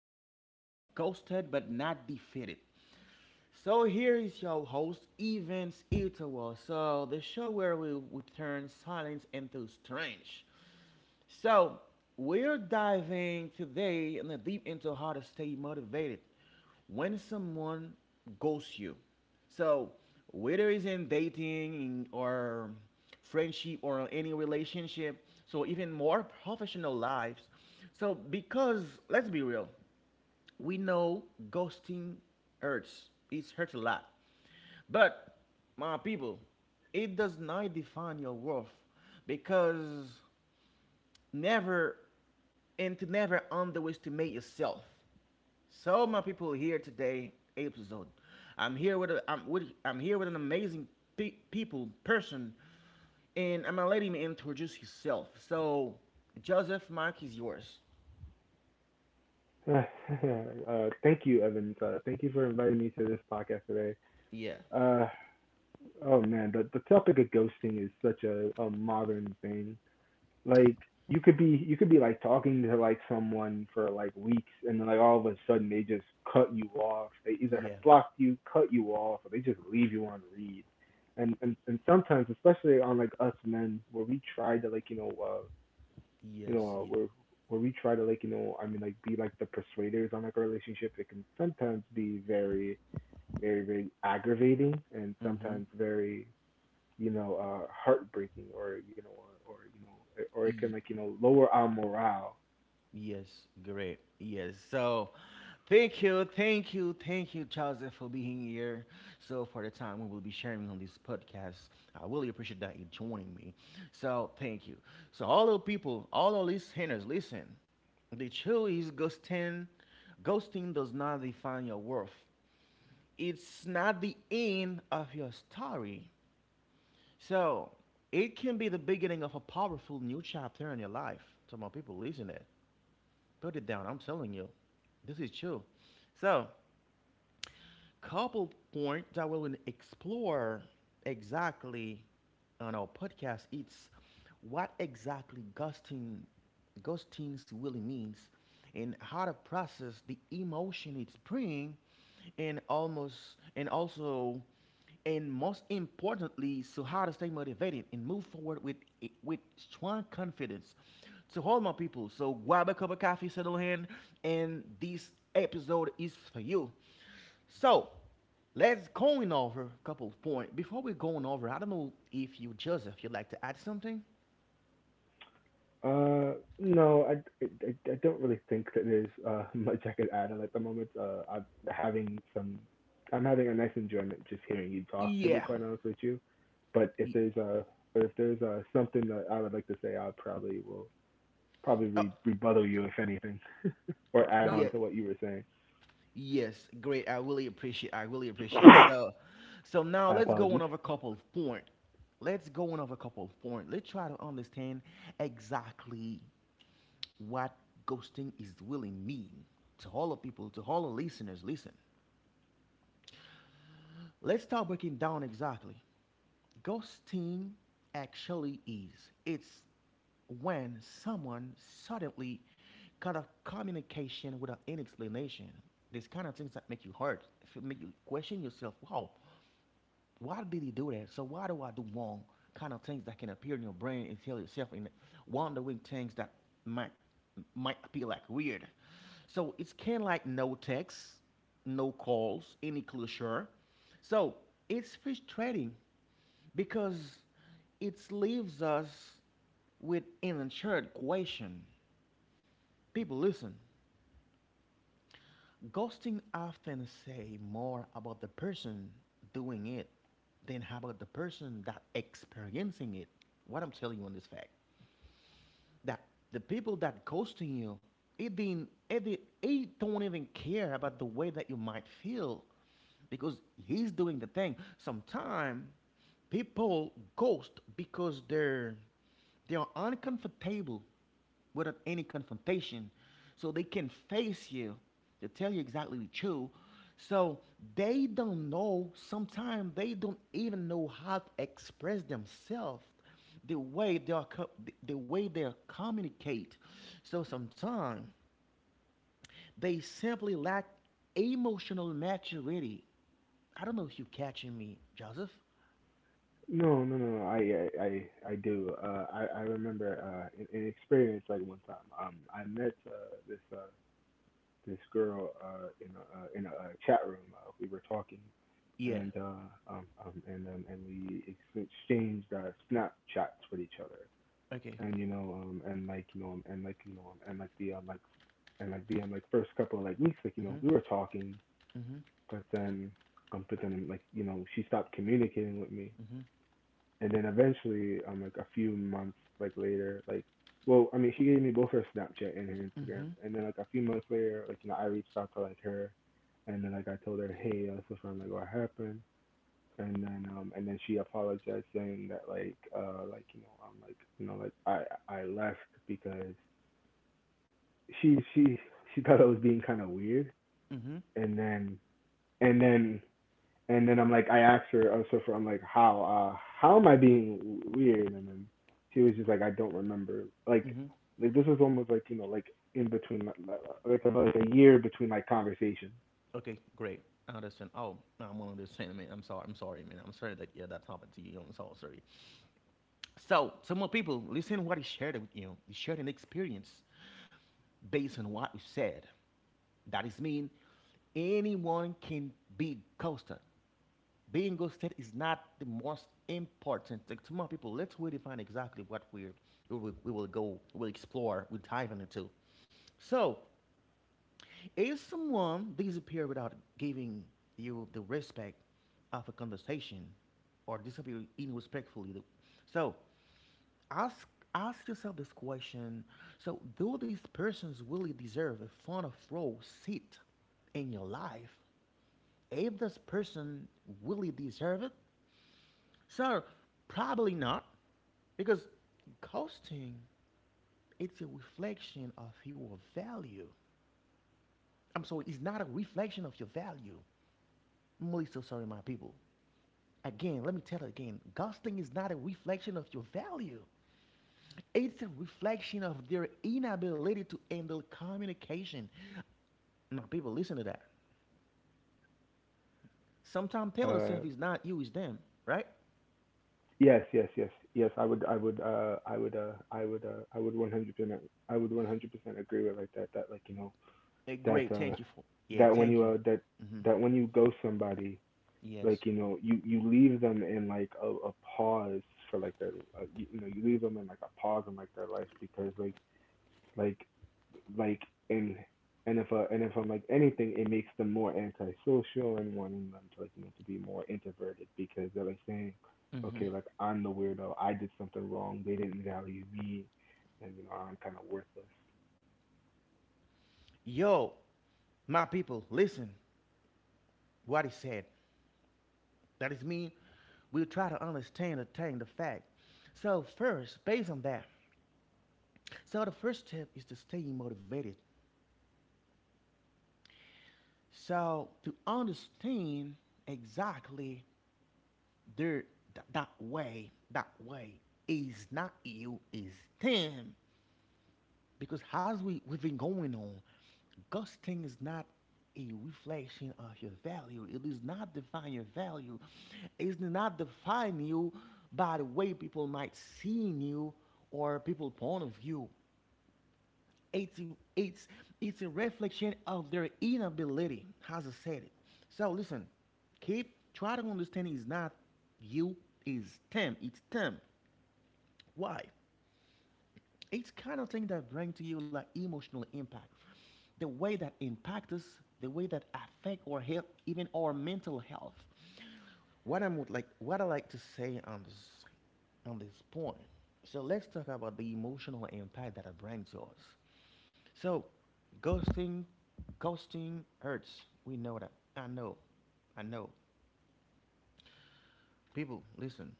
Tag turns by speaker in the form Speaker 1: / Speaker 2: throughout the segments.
Speaker 1: channel of Ghosted but Not Defeated. So here is your host, Evans Itawa. So the show where we turn silence into strength. So we're diving today in the deep into how to stay motivated when someone ghosts you. So whether it's in dating or friendship or any relationship, so even more professional lives. So because let's be real, we know ghosting hurts. It hurts a lot. But my people, it does not define your worth because never and to never underestimate yourself. So my people here today episode. I'm here with a I'm with I'm here with an amazing people person, and I'm gonna let him introduce himself. So Joseph, Mark is yours.
Speaker 2: thank you, Evans. Thank you for inviting me to this podcast today.
Speaker 1: Yeah,
Speaker 2: Uh, oh man, the topic of ghosting is such a modern thing. Like you could be like talking to like someone for like weeks, and then like all of a sudden they just cut you off. They either have
Speaker 1: yeah,
Speaker 2: blocked you, cut you off, or they just leave you on read. And sometimes, especially on like us men, where we try to like you know,
Speaker 1: yes,
Speaker 2: uh,
Speaker 1: yeah.
Speaker 2: where where we try to like, I mean, like be like the persuaders on like our relationship. It can sometimes be very, very, very aggravating, and
Speaker 1: Mm-hmm.
Speaker 2: sometimes very, heartbreaking, or or it can
Speaker 1: E
Speaker 2: like, lower our morale.
Speaker 1: Yes, great. Yes. So thank you, thank you, thank you, Joseph, for being here. So for the time we will be sharing on this podcast, I really appreciate that you joining me. So thank you. So all the people, all of listeners, listen. The truth is ghosting does not define your worth. It's not the end of your story. So it can be the beginning of a powerful new chapter in your life. To my people, listen it. Put it down. I'm telling you, this is true. So, couple point that we will explore exactly on our podcast. It's what exactly ghosting really means, and how to process the emotion it brings, and almost and also, and most importantly, so how to stay motivated and move forward with strong confidence. So hold my people. So grab a cup of coffee, settle in, and this episode is for you. So let's going over a couple of points. Before we going over, I don't know if you, Joseph, you'd like to add something?
Speaker 2: Uh, no, I don't really think that there's much I could add on at the moment. I'm having a nice enjoyment just hearing you talk, to be
Speaker 1: Yeah.
Speaker 2: quite honest with you. But if
Speaker 1: Ye-
Speaker 2: there's uh but if there's something that I would like to say, I probably will probably
Speaker 1: Oh,
Speaker 2: rebuttal you if anything, or add
Speaker 1: yeah.
Speaker 2: on to what you were saying.
Speaker 1: Yes. Great. I really appreciate. I really appreciate. So, so now
Speaker 2: My
Speaker 1: let's go on
Speaker 2: apologies.
Speaker 1: over a couple of points. Let's go on over a couple of points. Let's try to understand exactly what ghosting is really mean to all the people, to all the listeners. Listen. Let's start breaking down exactly. Ghosting actually is. It's when someone suddenly cut off communication without any explanation. These kind of things that make you hurt, if it make you question yourself. Wow, why did he do that? So why do I do wrong kind of things that can appear in your brain and tell yourself in wondering things that might might appear like weird. So it's kind of like no texts, no calls, any closure. So it's frustrating because it leaves us with an unanswered question. People listen. Ghosting often say more about the person doing it than about the person that experiencing it. What I'm telling you on this fact that the people that ghosting you, it didn't, it, did, it don't even care about the way that you might feel because he's doing the thing. Sometimes people ghost because they are uncomfortable without any confrontation so they can face you to tell you exactly the truth. So they don't know, sometimes they don't even know how to express themselves, the way they are the way they communicate. So sometimes they simply lack emotional maturity. I don't know if you catching me, Joseph.
Speaker 2: No, no, no, no. I do. I remember an experience like one time. I met this girl in a chat room. We were talking,
Speaker 1: Yeah.
Speaker 2: and we exchanged Snapchats with each other.
Speaker 1: Okay.
Speaker 2: And and like the like and like the like first couple of like weeks, like
Speaker 1: mhm
Speaker 2: we were talking,
Speaker 1: mhm
Speaker 2: but then she stopped communicating with me,
Speaker 1: mhm
Speaker 2: and then eventually, like a few months like later, well, I mean, she gave me both her Snapchat and her Instagram,
Speaker 1: mhm
Speaker 2: and then like a few months later, like I reached out to like her, and then like I told her, hey, so I'm like what happened, and then and then she apologized saying that like I'm like you know, like I left because she she she thought I was being kind of weird,
Speaker 1: mhm
Speaker 2: and and then then I'm like, I asked her, I'm like, how am I being weird? And then she was just like, I don't remember. Like,
Speaker 1: mhm
Speaker 2: this is almost like like in between, like, about, like a year between like conversation.
Speaker 1: Okay, great. I understand. Oh, no, I'm gonna understand, man. I'm sorry. I'm sorry, man. I'm sorry that yeah, that happened to you. I'm so sorry. So, some more people listen what he shared with you. He shared an experience based on what we said. That is mean anyone can be ghosted. Being ghosted is not the most important thing. To more people, let's redefine exactly what we're, we will go, we'll explore, we'll dive into. So, if someone disappears without giving you the respect of a conversation or disappear irrespectfully, so ask ask yourself this question. So, do these persons really deserve a front of row seat in your life? If this person really deserve it, sir, probably not, because ghosting it's a reflection of your value. I'm sorry, it's not a reflection of your value. I'm really so sorry, my people. Again, let me tell it again. Ghosting is not a reflection of your value. It's a reflection of their inability to handle communication. My people, listen to that. Sometimes tell
Speaker 2: Uh,
Speaker 1: yourself it's not you, it's them, right?
Speaker 2: yes, yes, yes, yes. I would 100% agree with like that. That like that
Speaker 1: Great, thank
Speaker 2: uh,
Speaker 1: you for. Yeah,
Speaker 2: that when
Speaker 1: thank
Speaker 2: you
Speaker 1: you.
Speaker 2: uh, that
Speaker 1: Hmm.
Speaker 2: that when you ghost somebody,
Speaker 1: Yes.
Speaker 2: like you leave them in like a pause for like their you leave them in like a pause in like their life because like like and and if and if I'm like anything it makes them more antisocial and wanting them to like to be more introverted because they're like saying,
Speaker 1: Hmm.
Speaker 2: okay, like I'm the weirdo, I did something wrong, they didn't value me, and I'm kind of worthless.
Speaker 1: Yo, my people, listen what he said. That is mean we'll try to understand the thing, the fact. So first, based on that, so the first step is to stay motivated. So to understand exactly their that way, that way is not you, is them. Because as we've been going on, ghosting is not a reflection of your value. It does not define your value. It does not define you by the way people might see you or people's point of view. It's, it's, it's a reflection of their inability, as I said it. So listen, keep try to understand it's not you, it's them. It's them. Why? It's kind of thing that bring to you like emotional impact. The way that impact us, the way that affect or help even our mental health. What I'm would like what I like to say on this point. So let's talk about the emotional impact that it brings to us. So ghosting ghosting hurts. We know that. I know. I know. People, listen.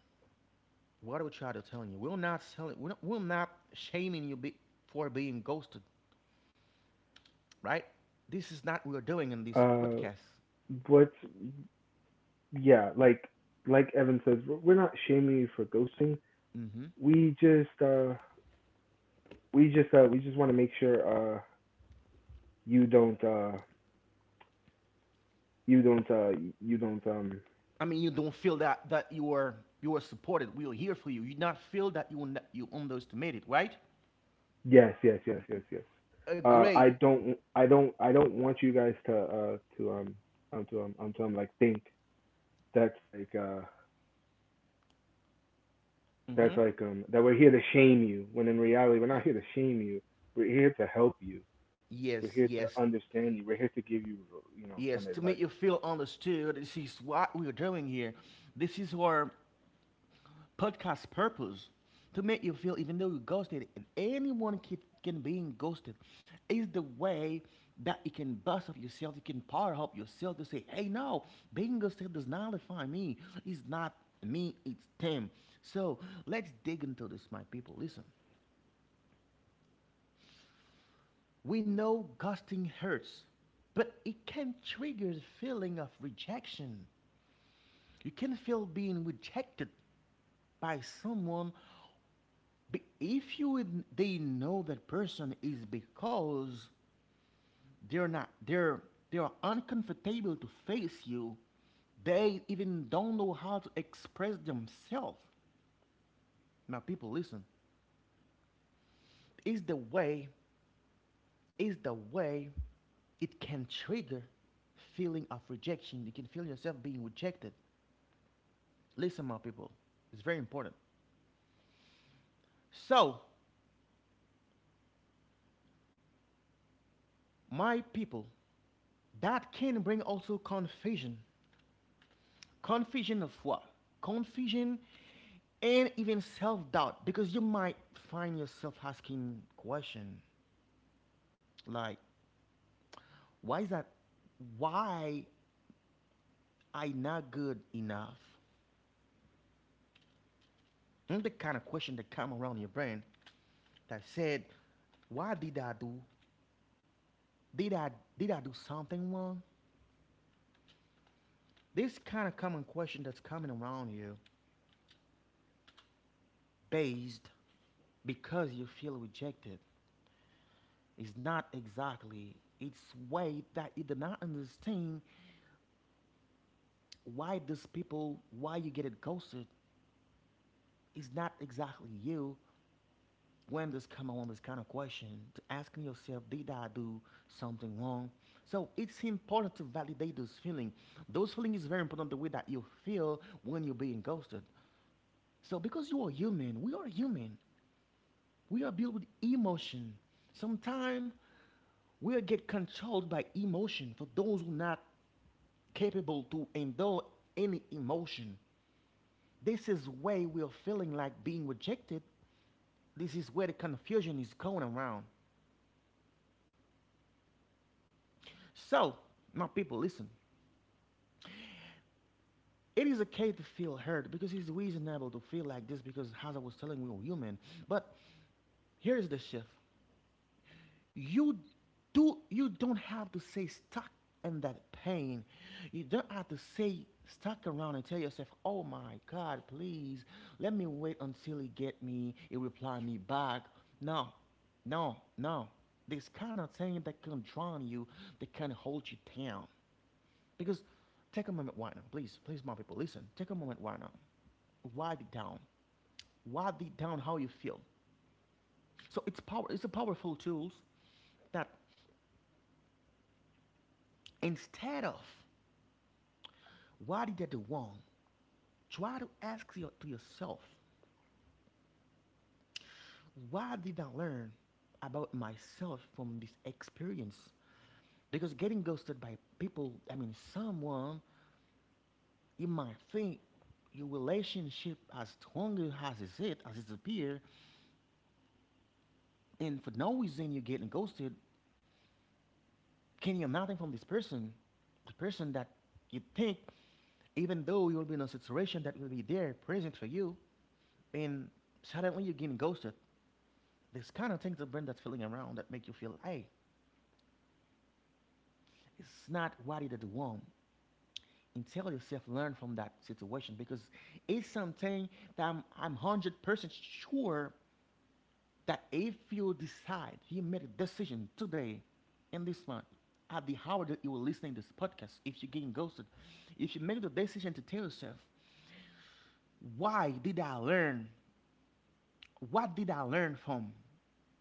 Speaker 1: What we try to tell you, we're not selling. We're not shaming you for being ghosted, right? This is not what we're doing in this
Speaker 2: uh
Speaker 1: podcast.
Speaker 2: but yeah, like Evan says we're not shaming you for ghosting.
Speaker 1: Hmm.
Speaker 2: we just uh we just want to make sure you don't uh you don't uh you don't
Speaker 1: I mean, you don't feel that you are supported. We are here for you. You not feel that you you underestimated, right?
Speaker 2: yes, yes, yes, yes, yes.
Speaker 1: Great.
Speaker 2: I don't want you guys to think that's like uh
Speaker 1: Hmm.
Speaker 2: that's like that we're here to shame you when in reality we're not here to shame you, we're here to help you,
Speaker 1: Yes,
Speaker 2: we're here to
Speaker 1: yes,
Speaker 2: understand you, we're here to give you you know some
Speaker 1: yes. To
Speaker 2: advice.
Speaker 1: make you feel understood, this is what we're doing here. This is our podcast purpose to make you feel even though you ghosted and anyone can being ghosted is the way that you can bust up yourself. You can power up yourself to say, hey, no, being ghosted does not define me. It's not me, it's them. So let's dig into this, my people. Listen, we know ghosting hurts, but it can trigger the feeling of rejection. You can feel being rejected by someone. If you they know that person is because they're not they're they are uncomfortable to face you. They even don't know how to express themselves. Now people listen. Is the way, is the way it can trigger feeling of rejection. You can feel yourself being rejected. Listen my people, it's very important. So my people, that can bring also confusion. Confusion of what? Confusion and even self-doubt, because you might find yourself asking question like, why is that? Why I not good enough? And the kind of question that come around your brain that said, why did I do, did i did I do something wrong? This kind of common question that's coming around you based because you feel rejected. It's not exactly. It's way that you do not understand why these people, why you get it ghosted. It's not exactly you. When this come on this kind of question, to asking yourself, did I do something wrong? So it's important to validate those feeling. Those feeling is very important. The way that you feel when you're being ghosted. So because you are human, we are human. We are built with emotion. Sometimes we get controlled by emotion. For those who not capable to endure any emotion. This is where we are feeling like being rejected. This is where the confusion is going around. So, my people, listen. It is okay to feel hurt because it's reasonable to feel like this because, as I was telling, we are human. But here is the shift. you you don't have to stay stuck in that pain. You don't have to stay stuck around and tell yourself, oh my god, please let me wait until he get me, he reply me back. No no no This kind of thing that can drown you, that can hold you down. Because take a moment right now. Please please my people listen, take a moment right now. Write it down. Write it down how you feel. So it's power it's a powerful tools that instead of, why did I do wrong? Try to ask to yourself, why did I learn about myself from this experience? Because getting ghosted by people, I mean, someone, you might think your relationship as strong as is it, is, as it's appear, and for no reason you're getting ghosted, can you nothing from this person, the person that you think, even though you'll be in a situation that will be there, present for you, and suddenly you're getting ghosted. This kind of things that bring that feeling around that make you feel, hey, it's not what it want. And tell yourself, learn from that situation because it's something that I'm 100% sure that if you decide, you made a decision today in this month, at the hour that you are listening to this podcast, if you're getting ghosted, if you make the decision to tell yourself, why did I learn? What did I learn from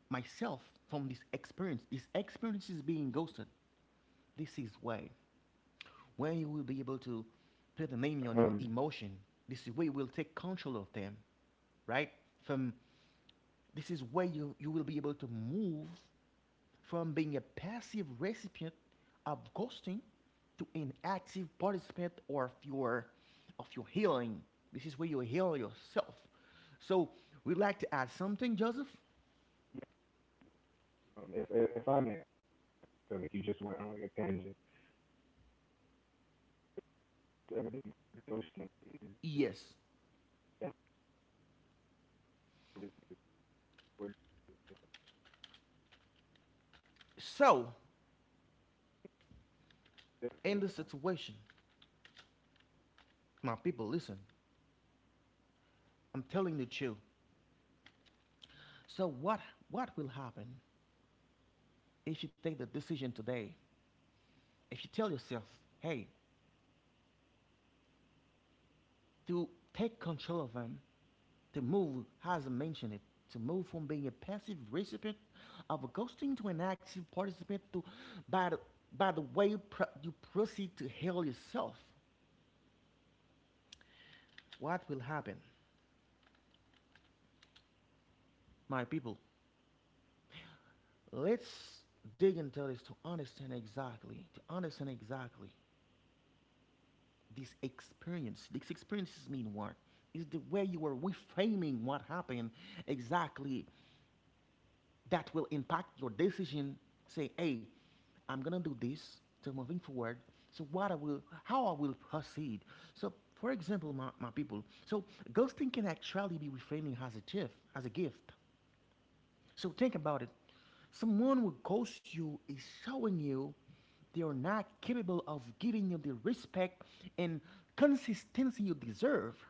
Speaker 1: myself from this experience? This experience is being ghosted. This is why. When you will be able to put a name on your
Speaker 2: um
Speaker 1: emotion, this is where you will take control of them, right? From This is where you will be able to move from being a passive recipient of ghosting to an active participant or of your healing. This is where you heal yourself. So we'd like to add something, Joseph?
Speaker 2: if I may, so if you just went on like a tangent, everything
Speaker 1: Yes.
Speaker 2: we're —
Speaker 1: So in this situation, my people listen, I'm telling the truth. So what will happen if you take the decision today? If you tell yourself, hey, to take control of them, to move, as I mentioned it, to move from being a passive recipient of a ghosting to an active participant to, by, the, by the way you, you proceed to heal yourself. What will happen? My people, let's dig into this to understand exactly this experience. These experiences mean what? Is the way you are reframing what happened exactly that will impact your decision. Say, hey, I'm gonna do this to moving forward. So what I will, how I will proceed. So, for example, my people. So ghosting can actually be reframing as a gift, as a gift. So think about it. Someone who ghosts you is showing you they are not capable of giving you the respect and consistency you deserve.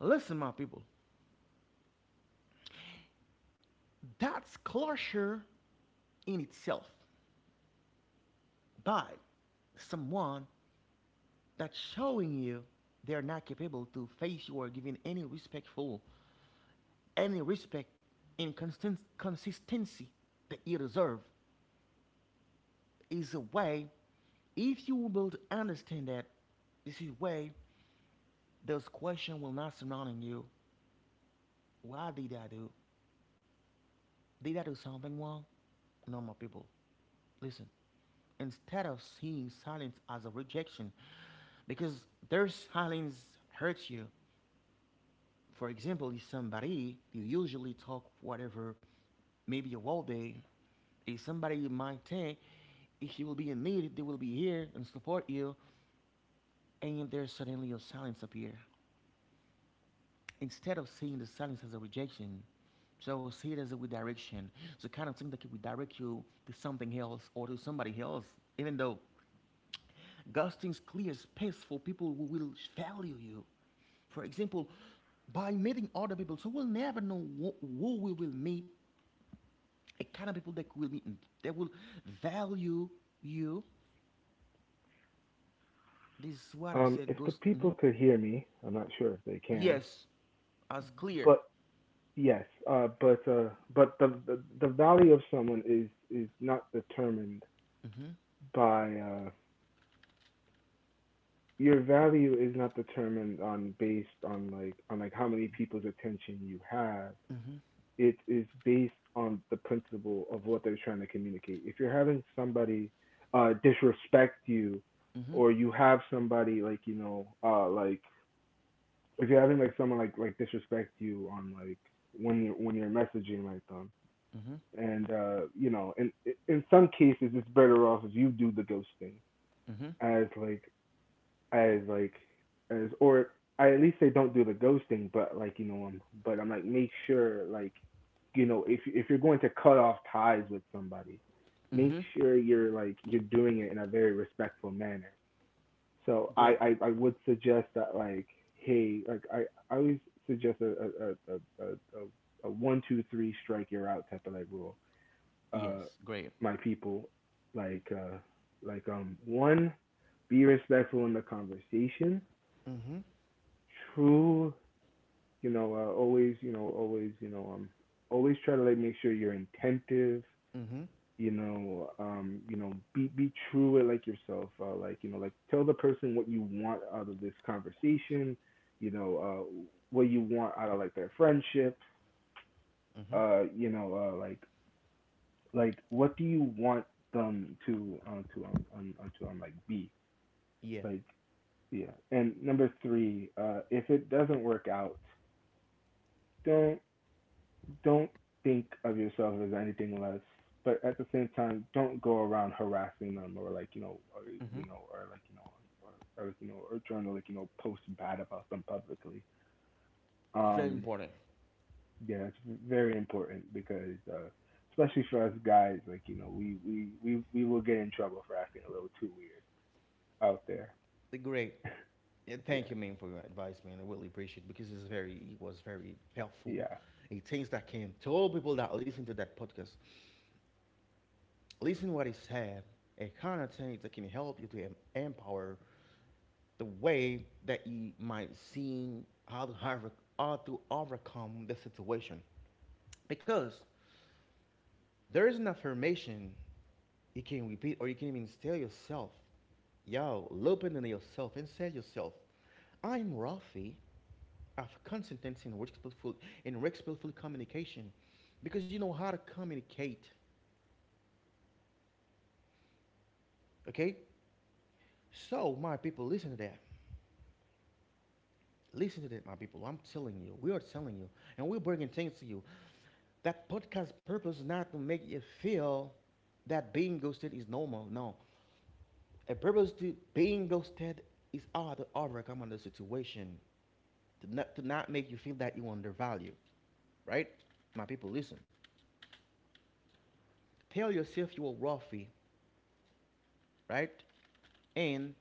Speaker 1: Listen, my people, that's closure in itself. By someone that's showing you they're not capable to face you or giving any respectful, any respect and consistency that you deserve is a way. If you will understand that, this is way those question will not surrounding you. Why did I do? Did I do something wrong? No, my people. Listen. Instead of seeing silence as a rejection, because their silence hurts you for example, is somebody you usually talk whatever, maybe a whole day, is somebody you might think if you will be in need, they will be here and support you, and there's suddenly a silence appear. Instead of seeing the silence as a rejection, so see it as a redirection. So kind of thing that could redirect you to something else or to somebody else, even though God things clear space for people who will value you. For example, by meeting other people, so we'll never know who we will meet, a kind of people that will meet, that will value you. This is what I said.
Speaker 2: If the
Speaker 1: Goes mhm.
Speaker 2: people could hear me, I'm not sure if they can,
Speaker 1: Yes, as clear.
Speaker 2: but yes, but the value of someone is not determined
Speaker 1: Mm-hmm.
Speaker 2: by your value is not determined on based on like how many people's attention you have. It is based on the principle of what they're trying to communicate. If you're having somebody disrespect you,
Speaker 1: Mm-hmm,
Speaker 2: or you have somebody like like if you're having like someone like disrespect you on like when you're messaging like them,
Speaker 1: mm-hmm,
Speaker 2: and in some cases it's better off if you do the ghosting.
Speaker 1: mm-hmm,
Speaker 2: As like as like as or I at least say don't do the ghosting, but like but I'm like make sure like if you're going to cut off ties with somebody, make
Speaker 1: mm-hmm.
Speaker 2: sure you're doing it in a very respectful manner. So
Speaker 1: Great.
Speaker 2: I would suggest that like, hey, like I always suggest a, a, a one, two, three strike you're out type of like rule. Uh
Speaker 1: Yes. Great.
Speaker 2: my people. Like, one, be respectful in the conversation.
Speaker 1: Mm-hmm.
Speaker 2: True, always, always try to like make sure you're attentive.
Speaker 1: Mm-hmm,
Speaker 2: Be true with like yourself, like like tell the person what you want out of this conversation. you know uh what you want out of like their friendship.
Speaker 1: mm-hmm.
Speaker 2: uh you know uh like what do you want them to be
Speaker 1: Yeah.
Speaker 2: like. Yeah, and number three, if it doesn't work out, don't don't think of yourself as anything less, but at the same time, don't go around harassing them
Speaker 1: Mm-hmm.
Speaker 2: you know, or like you know, or trying to like post bad about them publicly.
Speaker 1: It's very
Speaker 2: Um,
Speaker 1: important.
Speaker 2: yeah, it's very important because, especially for us guys, like we will get in trouble for acting a little too weird out there.
Speaker 1: The great. Yeah, thank
Speaker 2: Yeah,
Speaker 1: you, man, for your advice, man. I really appreciate it because it's very, it was very helpful.
Speaker 2: yeah.
Speaker 1: It things that can to all people that listen to that podcast, listen what he said. It kind of things that can help you to empower the way that you might see how to, have, how to overcome the situation because there is an affirmation you can repeat or you can even tell yourself. Yo, loop into yourself and say yourself, I'm Rafi of consistency and respectful in respectful communication because you know how to communicate. Okay? So my people, listen to that. Listen to that, my people. I'm telling you, we are telling you, and we're bringing things to you. That podcast purpose is not to make you feel that being ghosted is normal. No, a purpose to being ghosted is how to overcome the situation to not make you feel that you undervalue, right? My people, listen. Tell yourself you are worthy, right? And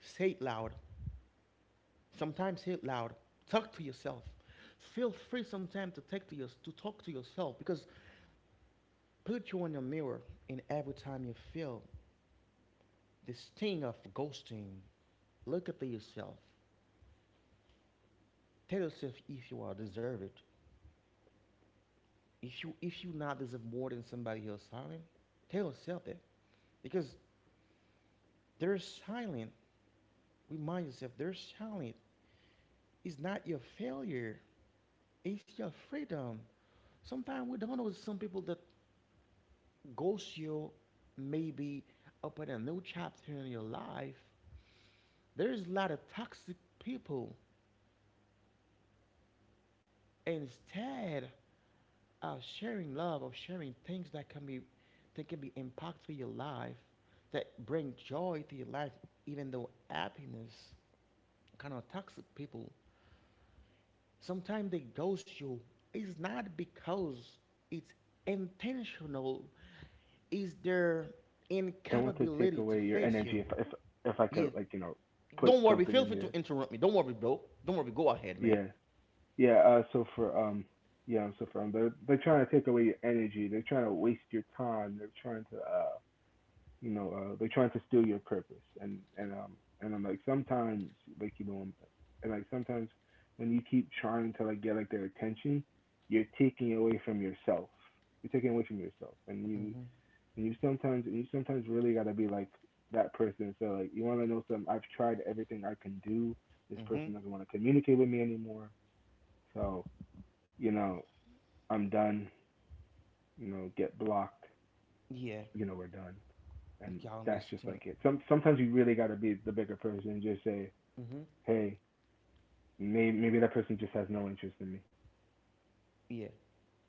Speaker 1: say it loud. Sometimes say it loud. Talk to yourself. Feel free sometimes to take to your, to talk to yourself because put you in your mirror and every time you feel this thing of ghosting, look at yourself. Tell yourself if you are deserve it. If you not deserve more than somebody else silent, tell yourself that because they're silent. Remind yourself they're silent. It's not your failure. It's your freedom. Sometimes we don't know some people that goes you maybe open a new chapter in your life. There's a lot of toxic people. Instead, of sharing love, of sharing things that can be impactful in your life, that bring joy to your life, even though happiness kind of toxic people. Sometimes they ghost you. It's not because it's intentional. It's their
Speaker 2: I want to take
Speaker 1: incapability to
Speaker 2: away your
Speaker 1: face
Speaker 2: energy
Speaker 1: you.
Speaker 2: if — if I could
Speaker 1: Yeah.
Speaker 2: like put
Speaker 1: Don't worry.
Speaker 2: something
Speaker 1: Feel
Speaker 2: in
Speaker 1: free
Speaker 2: here.
Speaker 1: to interrupt me. Don't worry, bro. Don't worry. Go ahead, man.
Speaker 2: Yeah. Yeah, so for yeah, so for they're trying to take away your energy. They're trying to waste your time. They're trying to steal your purpose. And I'm like sometimes, like you know, and like sometimes when you keep trying to like get like their attention, you're taking away from yourself. You're taking away from yourself,
Speaker 1: Mhm.
Speaker 2: and you sometimes really gotta be like that person. So like, you wanna know something? I've tried everything I can do. This person
Speaker 1: Mhm.
Speaker 2: doesn't want to communicate with me anymore. So you know, I'm done, get blocked,
Speaker 1: Yeah.
Speaker 2: we're done. And
Speaker 1: Okay, I
Speaker 2: that's just
Speaker 1: understand.
Speaker 2: like it. Sometimes you really gotta be the bigger person and just say,
Speaker 1: Mhm.
Speaker 2: hey, maybe that person just has no interest in me.
Speaker 1: Yeah.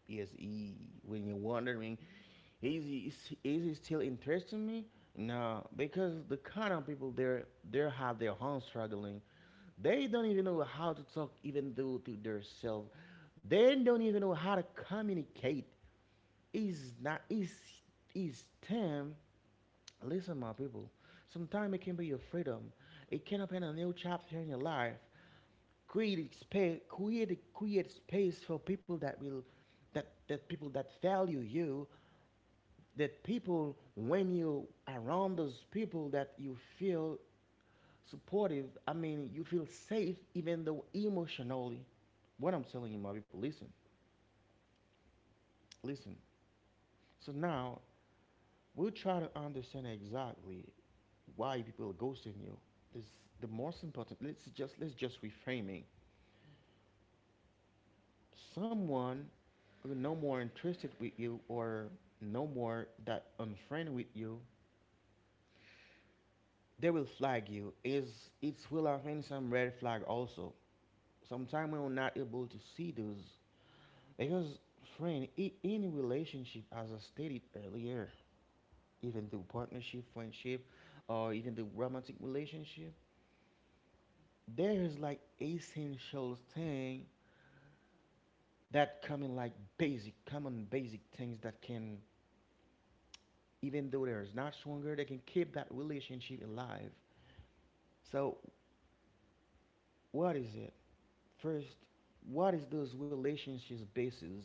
Speaker 1: Yes, he, when you're wondering, is he, is he still interested in me? No, because the kind of people there, they have their own struggling. They don't even know how to talk, even though to themselves. They don't even know how to communicate. Is not is is them Listen, my people, sometimes it can be your freedom. It can open a new chapter in your life. Create, create space for people that will, that people that value you, that people when you around those people that you feel supportive. I mean, you feel safe even though emotionally. What I'm telling you, my people, listen, listen. So now we'll try to understand exactly why people are ghosting you. This the most important. Let's just reframing. Someone who no more interested with you or no more that unfriend with you, they will flag you. Is it's will having some red flag also. Sometimes we're not able to see those because friend any relationship as I stated earlier, even the partnership, friendship, or even the romantic relationship, there's like essential thing that come in like basic, common basic things that can, even though there's not stronger, they can keep that relationship alive. So what is it? First, what is those relationships basis?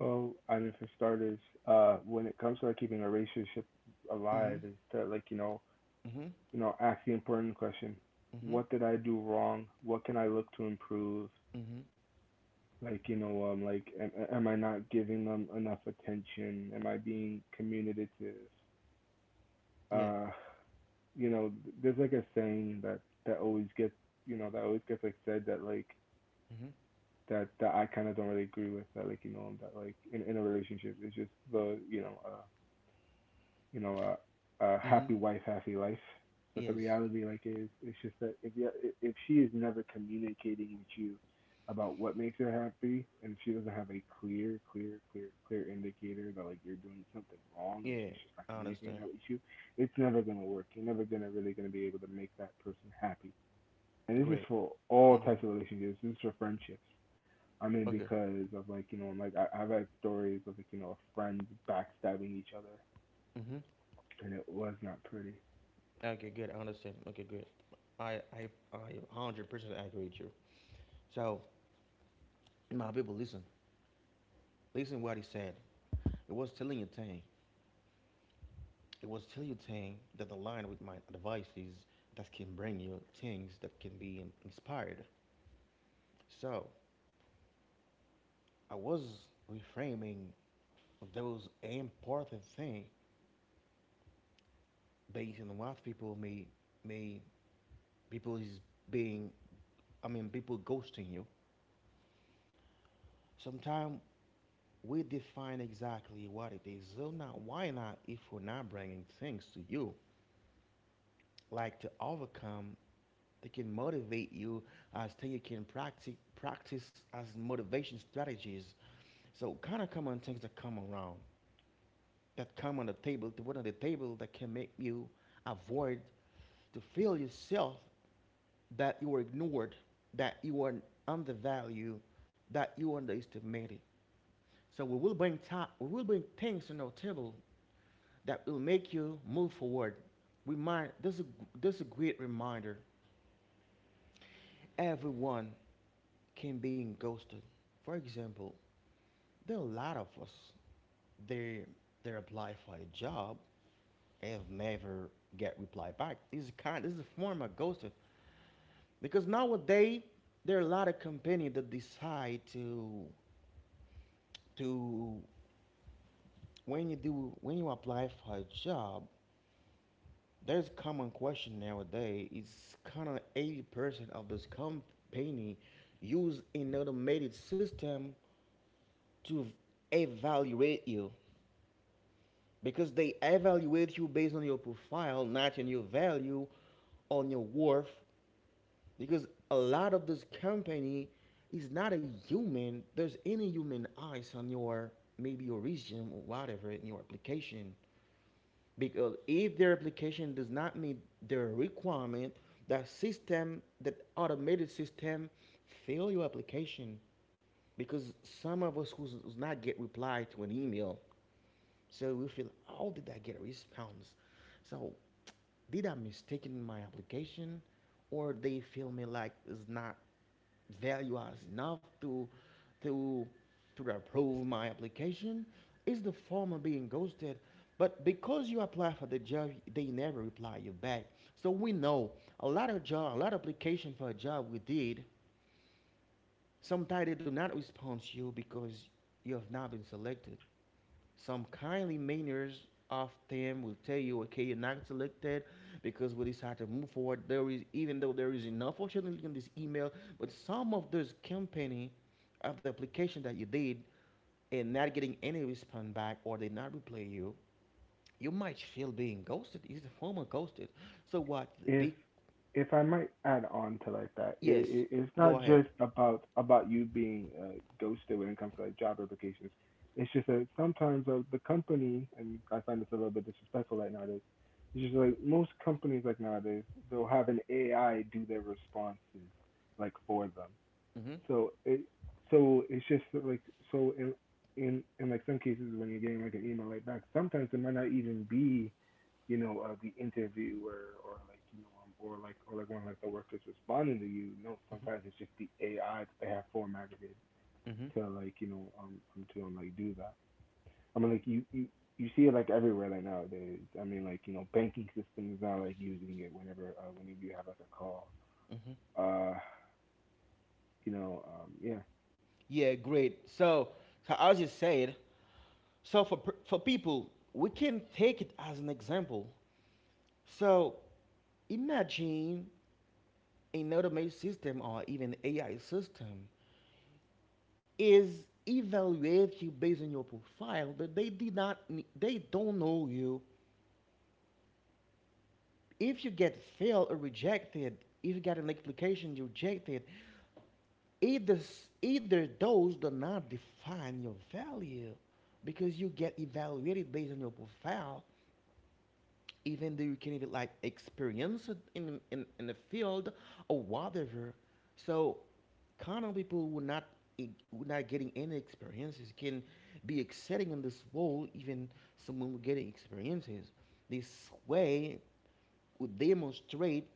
Speaker 2: Well, I mean, for starters, when it comes to like keeping a relationship
Speaker 1: Mm-hmm.
Speaker 2: alive is to like,
Speaker 1: Mm-hmm.
Speaker 2: ask the important question.
Speaker 1: Mm-hmm.
Speaker 2: What did I do wrong? What can I look to improve?
Speaker 1: Mm-hmm.
Speaker 2: Like, am I not giving them enough attention? Am I being communicative?
Speaker 1: Yeah.
Speaker 2: Uh you know, there's like a saying that always gets that always gets like said that like
Speaker 1: Mm-hmm.
Speaker 2: that I kind of don't really agree with, that like that like in a relationship it's just the — you know a
Speaker 1: Mm-hmm.
Speaker 2: happy wife, happy life. But the
Speaker 1: Yes.
Speaker 2: reality, like, is it's just that if she is never communicating with you about what makes her happy, and she doesn't have a clear, clear, clear, clear indicator that like you're doing something wrong, and
Speaker 1: Yeah.
Speaker 2: she's just not
Speaker 1: I
Speaker 2: communicating
Speaker 1: understand.
Speaker 2: that with you, it's never gonna work. You're never gonna really gonna be able to make that person happy. And this is
Speaker 1: Great.
Speaker 2: for all
Speaker 1: Mm-hmm.
Speaker 2: types of relationships. This is for friendships. I mean,
Speaker 1: Okay.
Speaker 2: because of like like I've had stories of like friends backstabbing each other,
Speaker 1: Mm-hmm.
Speaker 2: and it was not pretty.
Speaker 1: Okay, good. I understand. Okay, good. I 100% agree with you. So, my people, listen. Listen what he said. It was telling you thing. It was telling you thing that the line with my advices that can bring you things that can be inspired. So I was reframing those important things based on what people may people is being I mean people ghosting you. Sometimes we define exactly what it is. So now why not if we're not bringing things to you like to overcome they can motivate you as thing you can practice as motivation strategies so kind of common things that come around that come on the table to put on the table that can make you avoid to feel yourself that you are ignored that you are undervalued that you are underestimated so we will bring top we will bring things on our table that will make you move forward we might this is a great reminder everyone can be ghosted. For example, there are a lot of us. They they apply for a job and never get reply back. This is kind. This is a form of ghosting because nowadays there are a lot of company that decide to when you do when you apply for a job. There's a common question nowadays. It's kind of 80% of this company use an automated system to evaluate you because they evaluate you based on your profile, not on your value, on your worth. Because a lot of this company is not a human. There's any human eyes on your maybe your resume or whatever in your application. Because if their application does not meet their requirement, that system, that automated system, fail your application. Because some of us who's not get reply to an email so we feel, how did I get response? So did I mistaken my application, or they feel me like it's not value as enough to to approve my application? Is the former being ghosted? But because you apply for the job, they never reply you back. So we know a lot of job, a lot of application for a job we did. Sometimes they do not respond to you because you have not been selected. Some kindly manners of them will tell you, okay, you're not selected because we decided to move forward. There is, even though there is enough functionality in this email, but some of those company of the application that you did and not getting any response back or they not reply you, you might feel being ghosted. It's a form of ghosted. So what? The
Speaker 2: if
Speaker 1: big
Speaker 2: if I might add on to like that,
Speaker 1: yes.
Speaker 2: it's not
Speaker 1: Go ahead.
Speaker 2: just about you being ghosted when it comes to like job applications. It's just that sometimes, the company — and I find this a little bit disrespectful right nowadays. It's just like most companies like nowadays, they'll have an AI do their responses like for them.
Speaker 1: hmm
Speaker 2: So it so it's just that, like so in like some cases when you're getting like an email like back, sometimes it might not even be the interviewer or like or like or like one of like the workers responding to you. No,
Speaker 1: hmm
Speaker 2: sometimes it's just the AI that they have formatted it
Speaker 1: hmm
Speaker 2: to like you know to like do that. I mean like you. You see it like everywhere like nowadays. I mean, like you know, banking systems now like using it whenever whenever you have like a call.
Speaker 1: hmm
Speaker 2: Uh, yeah.
Speaker 1: Yeah, great. So as you said. So for, for people, we can take it as an example. So imagine an automated system or even AI system is evaluate you based on your profile, but they did not, they don't know you. If you get failed or rejected, if you got an application you rejected, either either those do not define your value because you get evaluated based on your profile even though you can even like experience it in the field or whatever. So common people would not would not getting any experiences can be excelling in this world, even someone who getting experiences this way would demonstrate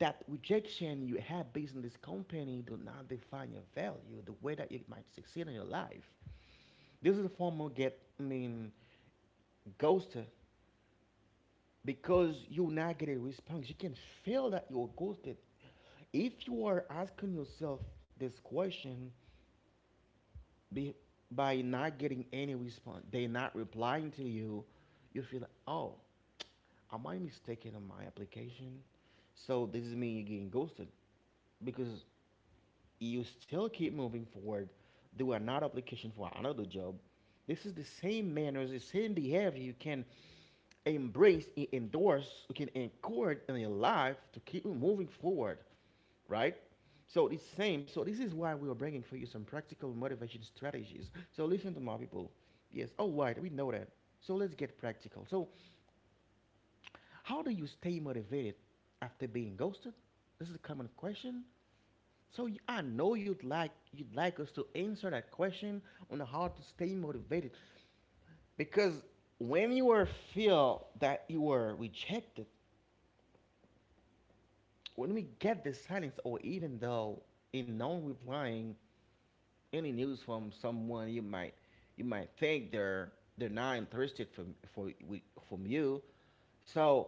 Speaker 1: that rejection you have based on this company do not define your value the way that you might succeed in your life. This is a form of get I mean ghosted, because you not get a response you can feel that you're ghosted. If you are asking yourself this question, be, by not getting any response they not replying to you, you feel like, oh, am I mistaken on my application? So this is me getting ghosted, because you still keep moving forward, do another application for another job. This is the same manners, the same behavior you can endorse, you can encourage in your life to keep moving forward, right? So it's same. So this is why we are bringing for you some practical motivation strategies. So listen to my people. Yes, all right, we know that. So let's get practical. So, how do you stay motivated after being ghosted? This is a common question. So I know you'd like us to answer that question on how to stay motivated, because when you are feel that you are rejected, when we get the silence, or even though in non replying any news from someone, you might, you might think they're not interested from you. So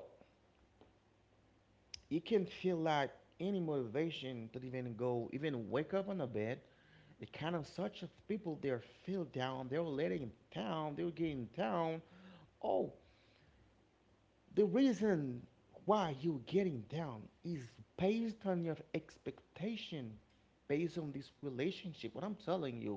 Speaker 1: it can feel like any motivation to even go, even wake up on the bed. The kind of such of people they are feel down. They were letting down. They were getting down. Oh, the reason why you're getting down is based on your expectation, based on this relationship. What I'm telling you,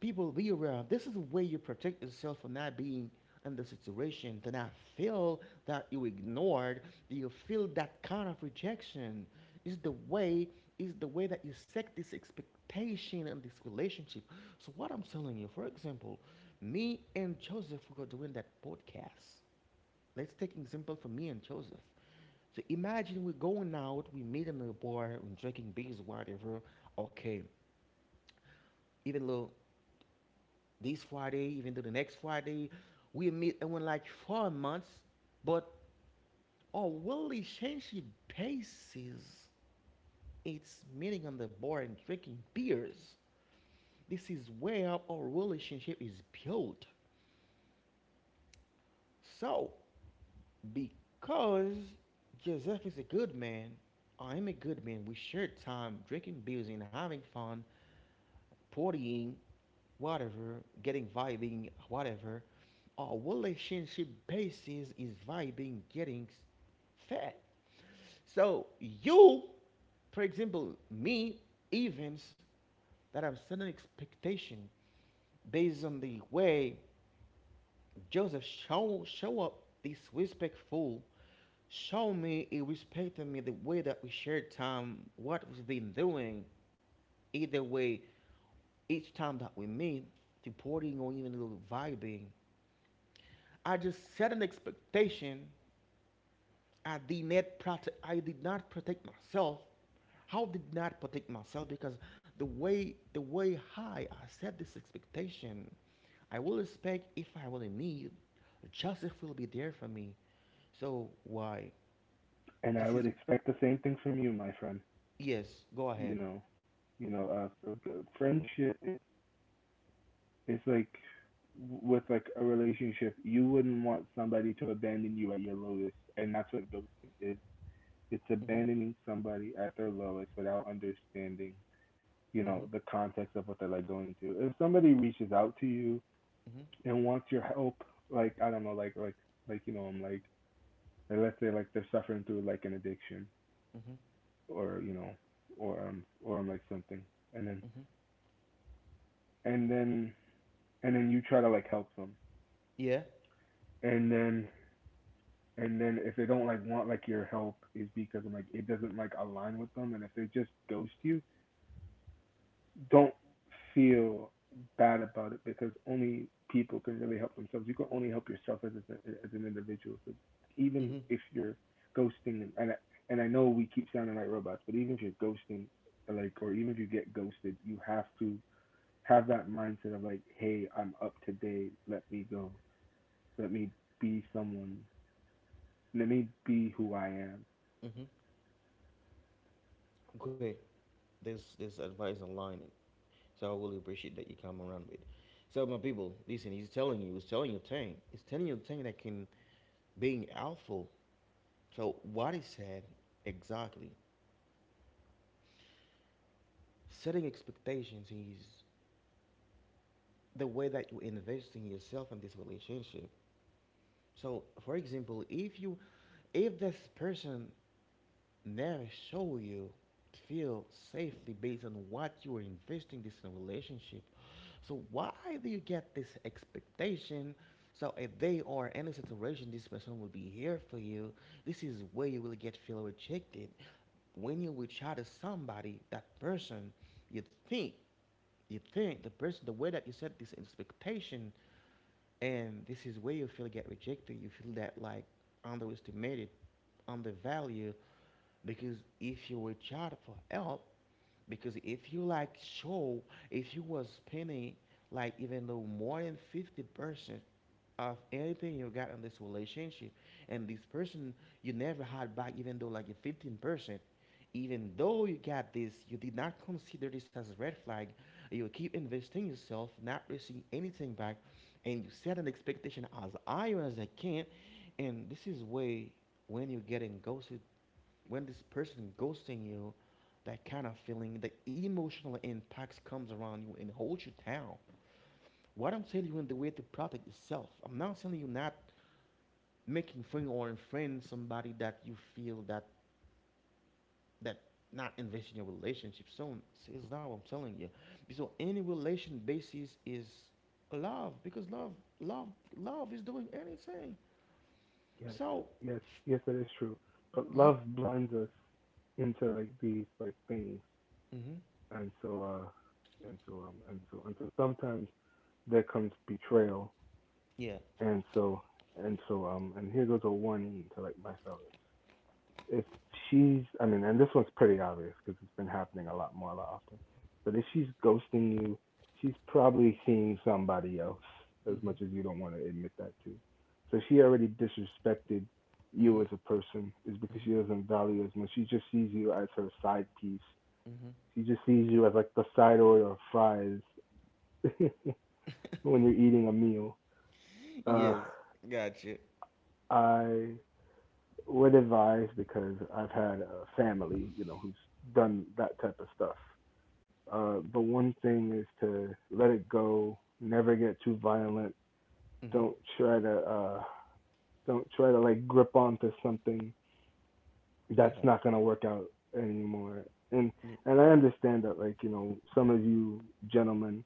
Speaker 1: people be aware, this is a way you protect yourself from not being in the situation to not feel that you ignored, that you feel that kind of rejection. Is the way, is the way that you set this expectation and this relationship. So what I'm telling you, for example, me and Joseph were doing that podcast. Let's take an example for me and Joseph. So imagine we're going out, we meet in the bar are drinking beers, whatever. Okay. Even though this Friday, even to the next Friday. We meet and we like 4 months, but our relationship basis, it's meeting on the bar and drinking beers. This is where our relationship is built. So, because Joseph is a good man, I am a good man. We share time drinking beers and having fun. Partying, whatever, getting vibing, whatever. Our relationship basis is vibing, getting fat. So you, for example, me, events that I'm setting expectation based on the way Joseph show up this respectful, show me he respected me the way that we shared time, what we've been doing. Either way, each time that we meet, reporting or even a little vibing, I just set an expectation. I did not protect. I did not protect myself. How did not protect myself? Because the way high I set this expectation, I will expect if I really need, justice will be there for me. So why?
Speaker 2: And I
Speaker 1: This
Speaker 2: would
Speaker 1: is
Speaker 2: expect the same thing from you, my friend.
Speaker 1: yes. Go
Speaker 2: You
Speaker 1: ahead.
Speaker 2: know, you know, uh, so, uh, Friendship is like with like a relationship. You wouldn't want somebody to abandon you at your lowest, and that's what ghosting is. It's
Speaker 1: Mhm.
Speaker 2: abandoning somebody at their lowest without understanding, you
Speaker 1: Mhm.
Speaker 2: know, the context of what they're like going through. If somebody reaches out to you
Speaker 1: Mhm.
Speaker 2: and wants your help, like I don't know, like like let's say like they're suffering through like an addiction
Speaker 1: Mhm.
Speaker 2: or I'm like something and then
Speaker 1: Mhm.
Speaker 2: and then and then you try to like help them
Speaker 1: Yeah.
Speaker 2: and then and then if they don't like want like your help is because I'm like it doesn't like align with them, and if they just ghost you, don't feel bad about it because only people can really help themselves. You can only help yourself as, a, as an individual. So even
Speaker 1: Mhm.
Speaker 2: if you're ghosting, and I know we keep sounding like robots, but even if you're ghosting like, or even if you get ghosted, you have to have that mindset of like, hey, I'm up to date. Let me go. Let me be someone. Let me be who I am.
Speaker 1: Mhm. Great. This advice online. So I really appreciate that you come around with. So my people, listen, he's telling you thing. He's telling you thing that can being helpful. So what he said exactly, setting expectations is the way that you invest in yourself in this relationship. So for example, if this person never show you feel safely based on what you are investing this in a relationship. So why do you get this expectation? So if they are in a situation, this person will be here for you. This is where you will get feel rejected. When you reach out to somebody, that person, you think, you think the person, the way that you set this expectation, and this is where you feel get rejected. You feel that like underestimated, undervalued, because if you reach out for help, because if you like show, if you was spending like even though more than 50% of anything you got in this relationship, and this person you never had back even though like 15%, even though you got this you did not consider this as a red flag, you keep investing yourself not receiving anything back, and you set an expectation as high as I can. And this is way when you're getting ghosted, when this person ghosting you, that kind of feeling, the emotional impacts comes around you and holds you down. What I'm telling you in the way to protect yourself. I'm not telling you not making friend or unfriend somebody that you feel that that not invest in your relationship. So it's not what I'm telling you. So any relation basis is love, because love love is doing anything.
Speaker 2: Yes,
Speaker 1: So
Speaker 2: yes, that is true. But
Speaker 1: yeah.
Speaker 2: love blinds us into like these like things,
Speaker 1: Mm-hmm.
Speaker 2: and so and so sometimes there comes betrayal,
Speaker 1: Yeah.
Speaker 2: and so and so and here goes a warning to like my fellas. If she's, I mean, and this one's pretty obvious because it's been happening a lot more, a lot often. But if she's ghosting you, she's probably seeing somebody else as
Speaker 1: Mm-hmm.
Speaker 2: much as you don't want to admit that to. So she already disrespected you
Speaker 1: Mm-hmm.
Speaker 2: as a person is because
Speaker 1: Mm-hmm.
Speaker 2: she doesn't value as much. She just sees you as her side piece.
Speaker 1: Mm-hmm.
Speaker 2: She just sees you as like the side order of fries when you're eating a meal. Uh,
Speaker 1: Yes, gotcha.
Speaker 2: I would advise because I've had a family, you know, who's done that type of stuff. The one thing is to let it go, never get too violent.
Speaker 1: Mm-hmm.
Speaker 2: Don't try to uh, don't try to like grip onto something that's
Speaker 1: Yeah.
Speaker 2: not gonna work out anymore. And
Speaker 1: Yeah.
Speaker 2: and I understand that like you know some of you gentlemen,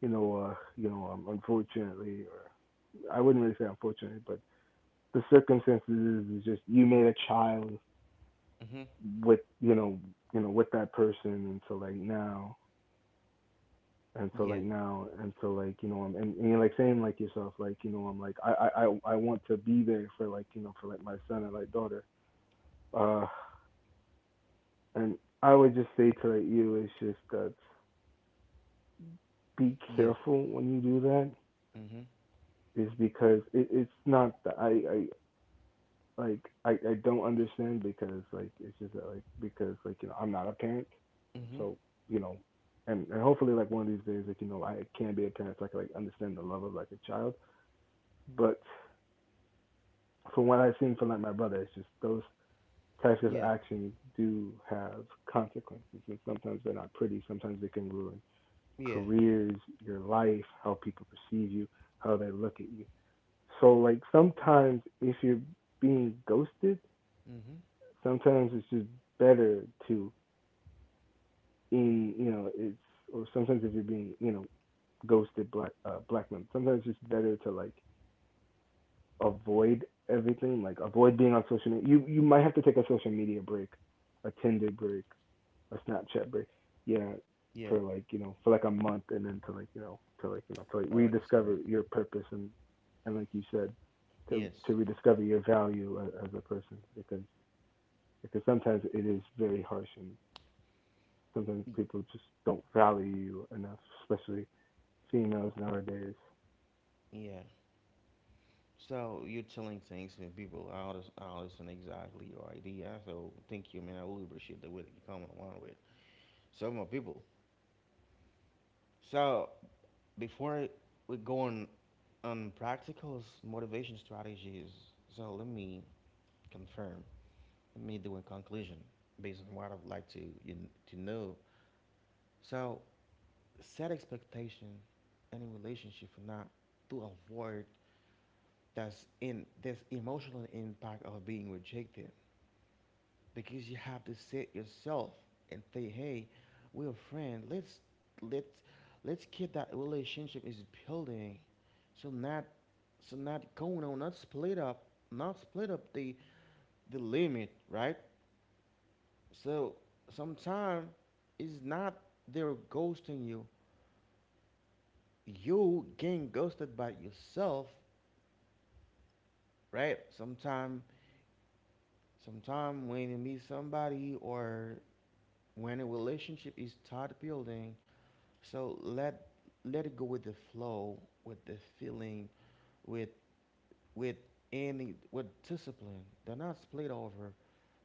Speaker 2: unfortunately, or I wouldn't really say unfortunately, but the circumstances is just you made a child
Speaker 1: Mm-hmm.
Speaker 2: with with that person, and so like now and so like
Speaker 1: Yeah.
Speaker 2: now and so like you know I'm and you're like saying like yourself like I want to be there for like you know for like my son and like daughter. uh and I would just say to like, you it's just that be
Speaker 1: Yeah.
Speaker 2: careful when you do that
Speaker 1: Mm-hmm.
Speaker 2: is because it's not the, I, like I don't understand because like it's just that, like because like you know I'm not a parent,
Speaker 1: Mm-hmm.
Speaker 2: so you know, and hopefully like one of these days like you know I can be a parent so I can like understand the love of like a child. But from what I've seen from like my brother, it's just those types of
Speaker 1: Yeah.
Speaker 2: actions do have consequences, and sometimes they're not pretty. Sometimes they can ruin
Speaker 1: Yeah.
Speaker 2: careers, your life, how people perceive you, how they look at you. So like sometimes if you're being ghosted,
Speaker 1: Mm-hmm.
Speaker 2: sometimes it's just better to in you know it's, or sometimes if you're being you know ghosted, black black men, sometimes it's just better to like avoid everything, like avoid being on social media. You might have to take a social media break, a Tinder break, a Snapchat break, yeah,
Speaker 1: Yeah.
Speaker 2: for like you know for like a month, and then to like you know to like you know to like
Speaker 1: I already sort
Speaker 2: rediscover
Speaker 1: it.
Speaker 2: your purpose and like you said to
Speaker 1: Yes.
Speaker 2: rediscover your value as a person because sometimes it is very harsh and sometimes
Speaker 1: Y-
Speaker 2: people just don't value you enough, especially females nowadays.
Speaker 1: Yeah. So you're telling things to people out of an exactly your idea. So thank you, man. I really appreciate the way that you come along with some more people. So before we go on practicals, motivation strategies. So let me confirm. Me do in conclusion, based on what I would like to you, to know. So set expectation in a relationship for not to avoid that's in this emotional impact of being rejected, because you have to set yourself and say, hey, we're friends. Let's let's keep that relationship is building, so not, so not going on, not split up, not split up the limit, right? So sometimes it's not they're ghosting you. You getting ghosted by yourself, right? Sometime when you meet somebody, or when a relationship is start building, so let, let it go with the flow, with the feeling, with with any with discipline. Do not split over.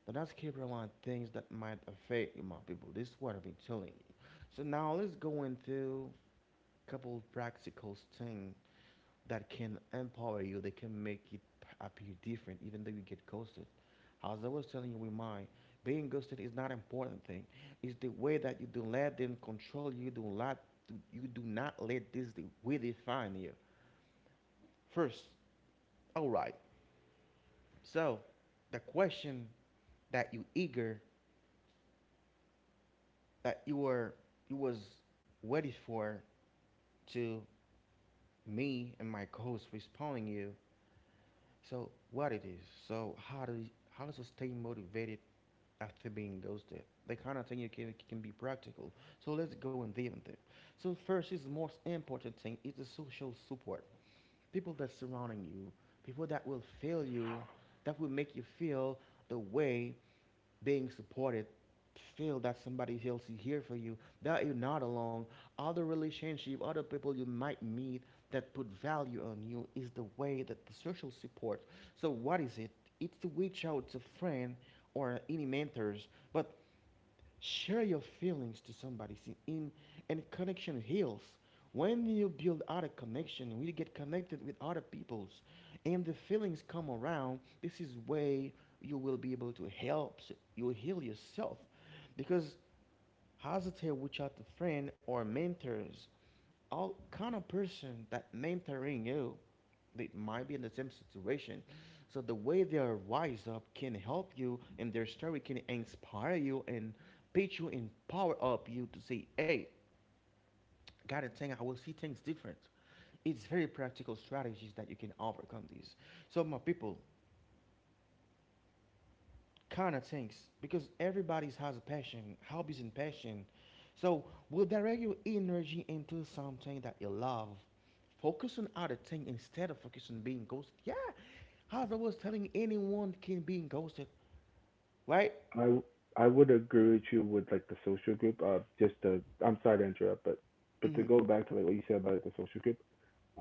Speaker 1: Do not skip around things that might affect you, my people. This is what I've been telling you. So now let's go into couple practical things that can empower you. They can make it appear different, even though you get ghosted. As I was telling you with mine, being ghosted is not an important thing. It's the way that you do let them control you. Do not, you do not let this way define you. First, all right. So, the question that you eager that you were you was waiting for to me and my co-host responding you. So what it is? So how to stay motivated after being ghosted? The kind of thing you can be practical. So let's go and deal with it. So first is the most important thing is the social support. People that surrounding you, people that will feel you, that will make you feel the way being supported, feel that somebody else is here for you, that you're not alone. Other relationship, other people you might meet that put value on you is the way that the social support. So what is it? It's to reach out to friend or any mentors, but share your feelings to somebody. See, in and connection heals. When you build other connection, we get connected with other peoples, and the feelings come around, this is way you will be able to help. You will heal yourself, because hesitate reach out to friend or mentors, all kind of person that mentoring you, they might be in the same situation. So the way they are wise up can help you, and their story can inspire you and pitch you and power up you to say hey, got a thing, I will see things different. It's very practical strategies that you can overcome these. So my people, kind of things, because everybody has a passion, hobbies and passion. So we'll direct your energy into something that you love. Focus on other thing instead of focus on being ghosted. Yeah, as I was telling, anyone can be ghosted, right?
Speaker 2: I I would agree with you with like the social group. Just to, I'm sorry to interrupt, but
Speaker 1: Hmm.
Speaker 2: to go back to like what you said about like the social group,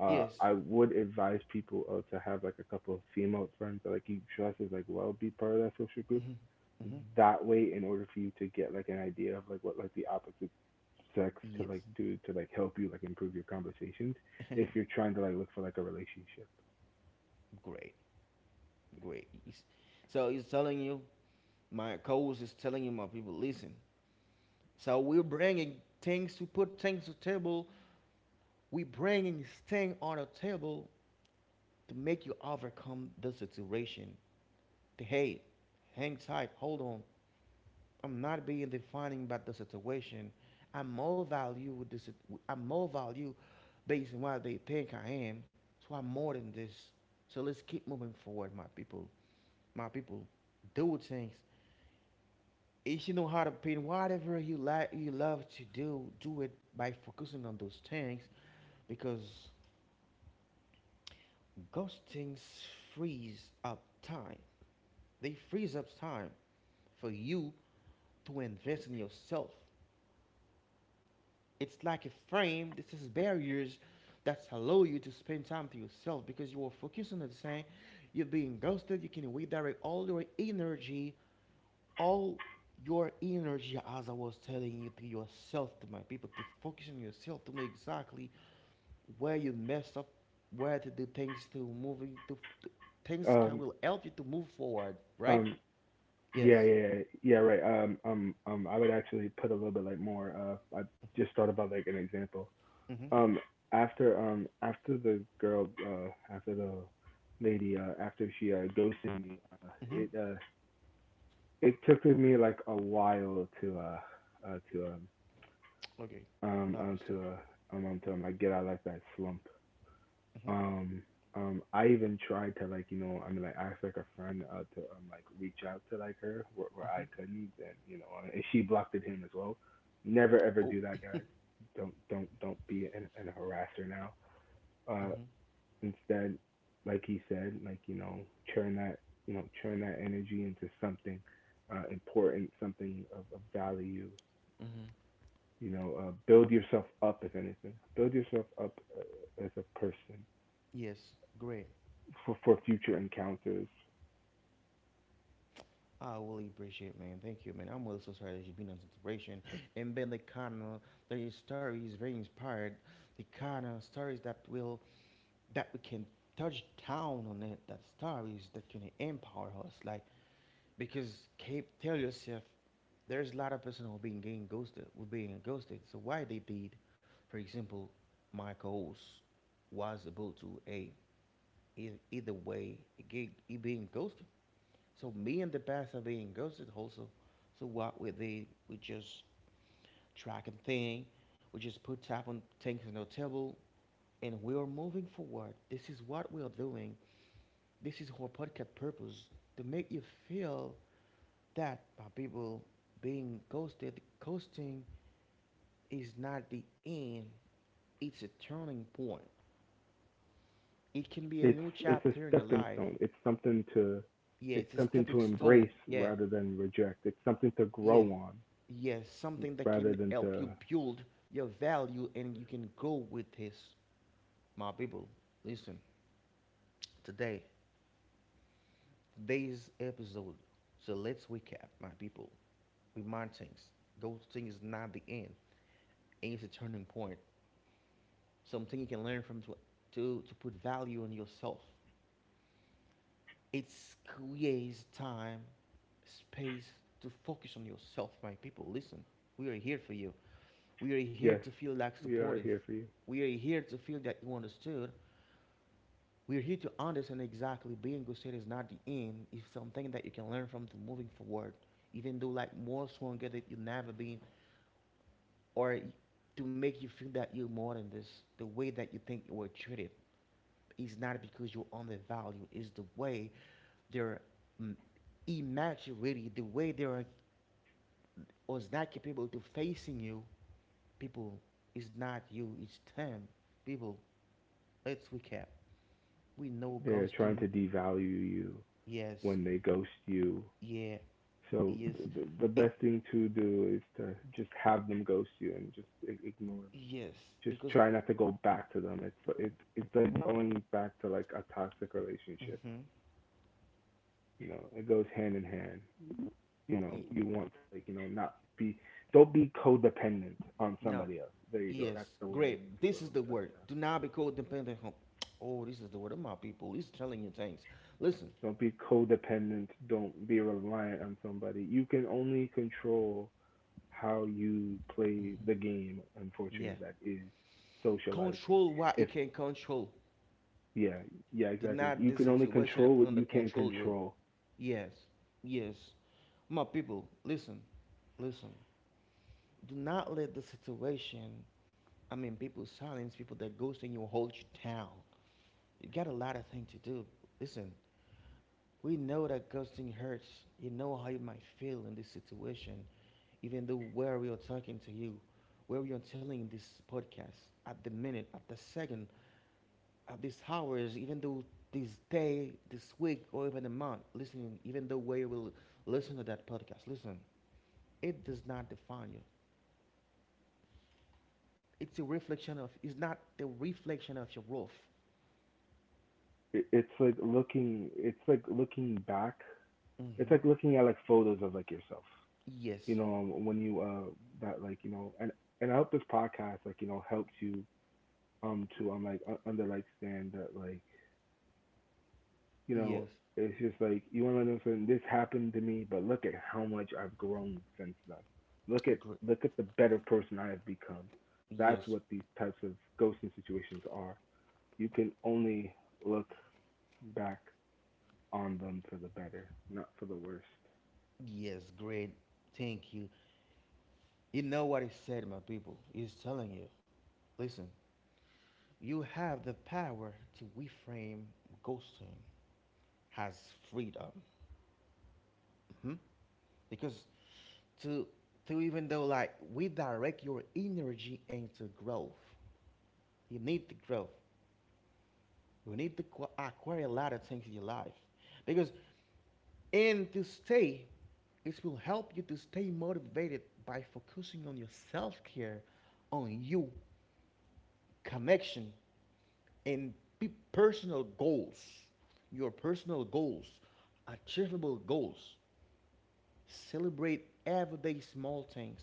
Speaker 1: Yes.
Speaker 2: I would advise people to have like a couple of female friends that like you trust is like well be part of that social group.
Speaker 1: Hmm. Hmm.
Speaker 2: That way, in order for you to get like an idea of like what like the opposite sex could like
Speaker 1: Yes.
Speaker 2: do to like help you like improve your conversations if you're trying to like look for like a relationship.
Speaker 1: Great. Great. Yes. So he's telling you, my co-host is telling you, my people, listen. So we're bringing things to put things to table. We're bringing things on the table to make you overcome the situation. To hey, hang tight, hold on. I'm not being defining by the situation. I am more value with this. I am more value based on what they think I am. So I'm more than this. So let's keep moving forward, my people. My people, do things. If you know how to paint whatever you like, you love to do, do it by focusing on those things because those things freeze up time. They freeze up time for you to invest in yourself. It's like a frame that has barriers that allow you to spend time to yourself because you are focused on the same. You're being ghosted. You can redirect all your energy, as I was telling you, to yourself, to my people, to focus on yourself, to know exactly where you messed up, where to do things to moving to things can
Speaker 2: Um,
Speaker 1: will help you to move forward, right?
Speaker 2: Um,
Speaker 1: Yes.
Speaker 2: yeah, yeah, right. I would actually put a little bit like more. I just thought about like an example.
Speaker 1: Mhm.
Speaker 2: Um, after after the girl, after the lady, after she ghosted me,
Speaker 1: Mhm.
Speaker 2: it uh, it took me like a while uh to um,
Speaker 1: Okay. I understand.
Speaker 2: to like get out of like that slump.
Speaker 1: Mhm.
Speaker 2: um I even tried to like like ask like a friend to like reach out to like her where I
Speaker 1: Mm-hmm.
Speaker 2: couldn't and you know, and she blocked it him as well. Never ever
Speaker 1: Oh.
Speaker 2: do that, guys. Don't be an harasser now. Uh,
Speaker 1: Mm-hmm.
Speaker 2: instead, like he said, like you know turn that turn that energy into something important, something of value.
Speaker 1: Mm-hmm.
Speaker 2: You know, build yourself up if anything. Build yourself up as a person
Speaker 1: Yes. Great.
Speaker 2: for future encounters.
Speaker 1: I really appreciate, man. Thank you, man. I'm really so sorry that you've been on situation. And Ben, the kind of the story is very inspired. The kind of stories that will that we can touch down on it. That stories that can empower us. Like because keep tell yourself, there's a lot of person who being getting ghosted, who being ghosted. So why they did, for example, my co-host was able to a either, either way, it get, being ghosted. So me and the past are being ghosted also. So what we they we just tracking thing, we just put tap on things on the table, and we are moving forward. This is what we are doing. This is our podcast purpose to make you feel that my people being ghosted, ghosting is not the end. It's a turning point. It can be a
Speaker 2: it's
Speaker 1: new
Speaker 2: it's a
Speaker 1: chapter in your
Speaker 2: stepping
Speaker 1: life.
Speaker 2: stone.
Speaker 1: Yeah,
Speaker 2: It's
Speaker 1: it's a
Speaker 2: something
Speaker 1: stepping
Speaker 2: to
Speaker 1: stone.
Speaker 2: embrace
Speaker 1: Yeah,
Speaker 2: rather than reject. It's something to grow
Speaker 1: yeah.
Speaker 2: on
Speaker 1: Yes, something that
Speaker 2: rather
Speaker 1: can
Speaker 2: than
Speaker 1: help
Speaker 2: to.
Speaker 1: you build your value and you can go with this. My people, listen, today, today's episode. So let's recap, my people. Remind things. Those things is not the end. It's a turning point. Something you can learn from to to put value on yourself. It creates time, space to focus on yourself, my people. Listen, we are here for you. We are here
Speaker 2: Yes,
Speaker 1: to feel like
Speaker 2: we are
Speaker 1: supportive.
Speaker 2: here for you.
Speaker 1: We are here to feel that you understood. We're here to understand exactly being good state is not the end. It's something that you can learn from to moving forward. Even though like more stronger that you never been or to make you feel that you're more than this. The way that you think you were treated is not because you're undervalued. It's the way they're mm, immaturity, the way they are was not capable to facing you. People, it's not you, it's them. People, let's recap. We know
Speaker 2: They're trying
Speaker 1: ghosting,
Speaker 2: to devalue you
Speaker 1: yes,
Speaker 2: when they ghost you.
Speaker 1: yeah,
Speaker 2: So
Speaker 1: yes.
Speaker 2: the
Speaker 1: It,
Speaker 2: best thing to do is to just have them ghost you and just ignore them.
Speaker 1: yes,
Speaker 2: Just
Speaker 1: because
Speaker 2: try not to go back to them. It's like going back to like a toxic relationship.
Speaker 1: mm-hmm.
Speaker 2: You know, it goes hand in hand. You know
Speaker 1: Ye-
Speaker 2: you want to like you know not be, don't be codependent on
Speaker 1: no,
Speaker 2: somebody else. There you go.
Speaker 1: yes,
Speaker 2: That's the word I've been
Speaker 1: great.
Speaker 2: looking for
Speaker 1: This
Speaker 2: the
Speaker 1: is
Speaker 2: whole
Speaker 1: the
Speaker 2: entire
Speaker 1: word. Do not be codependent. On. Oh, this is the word of my people. It's telling you things.
Speaker 2: time.
Speaker 1: Listen,
Speaker 2: Don't be codependent. Don't be reliant on somebody. You can only control how you play the
Speaker 1: mhm.
Speaker 2: game.
Speaker 1: Yeah,
Speaker 2: Unfortunately, that is socializing.
Speaker 1: control what you
Speaker 2: If
Speaker 1: can control.
Speaker 2: yeah, yeah,
Speaker 1: Do
Speaker 2: Exactly.
Speaker 1: not
Speaker 2: You
Speaker 1: the
Speaker 2: can only
Speaker 1: situation
Speaker 2: control what
Speaker 1: under
Speaker 2: you can
Speaker 1: control you.
Speaker 2: control.
Speaker 1: Yes, yes, my people. Listen, listen. Do not let the situation. I mean, people silence people that ghost in you hold you down. You got a lot of things to do. Listen, we know that ghosting hurts. You know how you might feel in this situation, even though where we are talking to you, where we are telling this podcast, at the minute, at the second, at these hours, even though this day, this week, or even a month, listening, even though where you will listen to that podcast, listen, it does not define you. It's a reflection of, it's not the reflection of your worth.
Speaker 2: It's like looking. It's like looking back.
Speaker 1: Mm
Speaker 2: It's
Speaker 1: hmm
Speaker 2: like looking at like photos of like yourself.
Speaker 1: Yes,
Speaker 2: When you that like you know, and I hope this podcast like you know helps you to like under like stand that like you know
Speaker 1: yes,
Speaker 2: it's just like you want to know something. This happened to me, but look at how much I've grown since then. Look at
Speaker 1: great,
Speaker 2: the better person I have become. That's
Speaker 1: yes,
Speaker 2: what these types of ghosting situations are. You can only look back on them for the better, not for the worst.
Speaker 1: yes, great. Thank you. You know what he said, my people. He's telling you, listen, you have the power to reframe ghosting as freedom. Mhm. Because to to even though like we direct your energy into growth, you need the growth. You need to acquire a lot of things in your life. Because and to stay, it will help you to stay motivated by focusing on your self care, on you connection and personal goals, your personal goals, achievable goals. Celebrate everyday small things,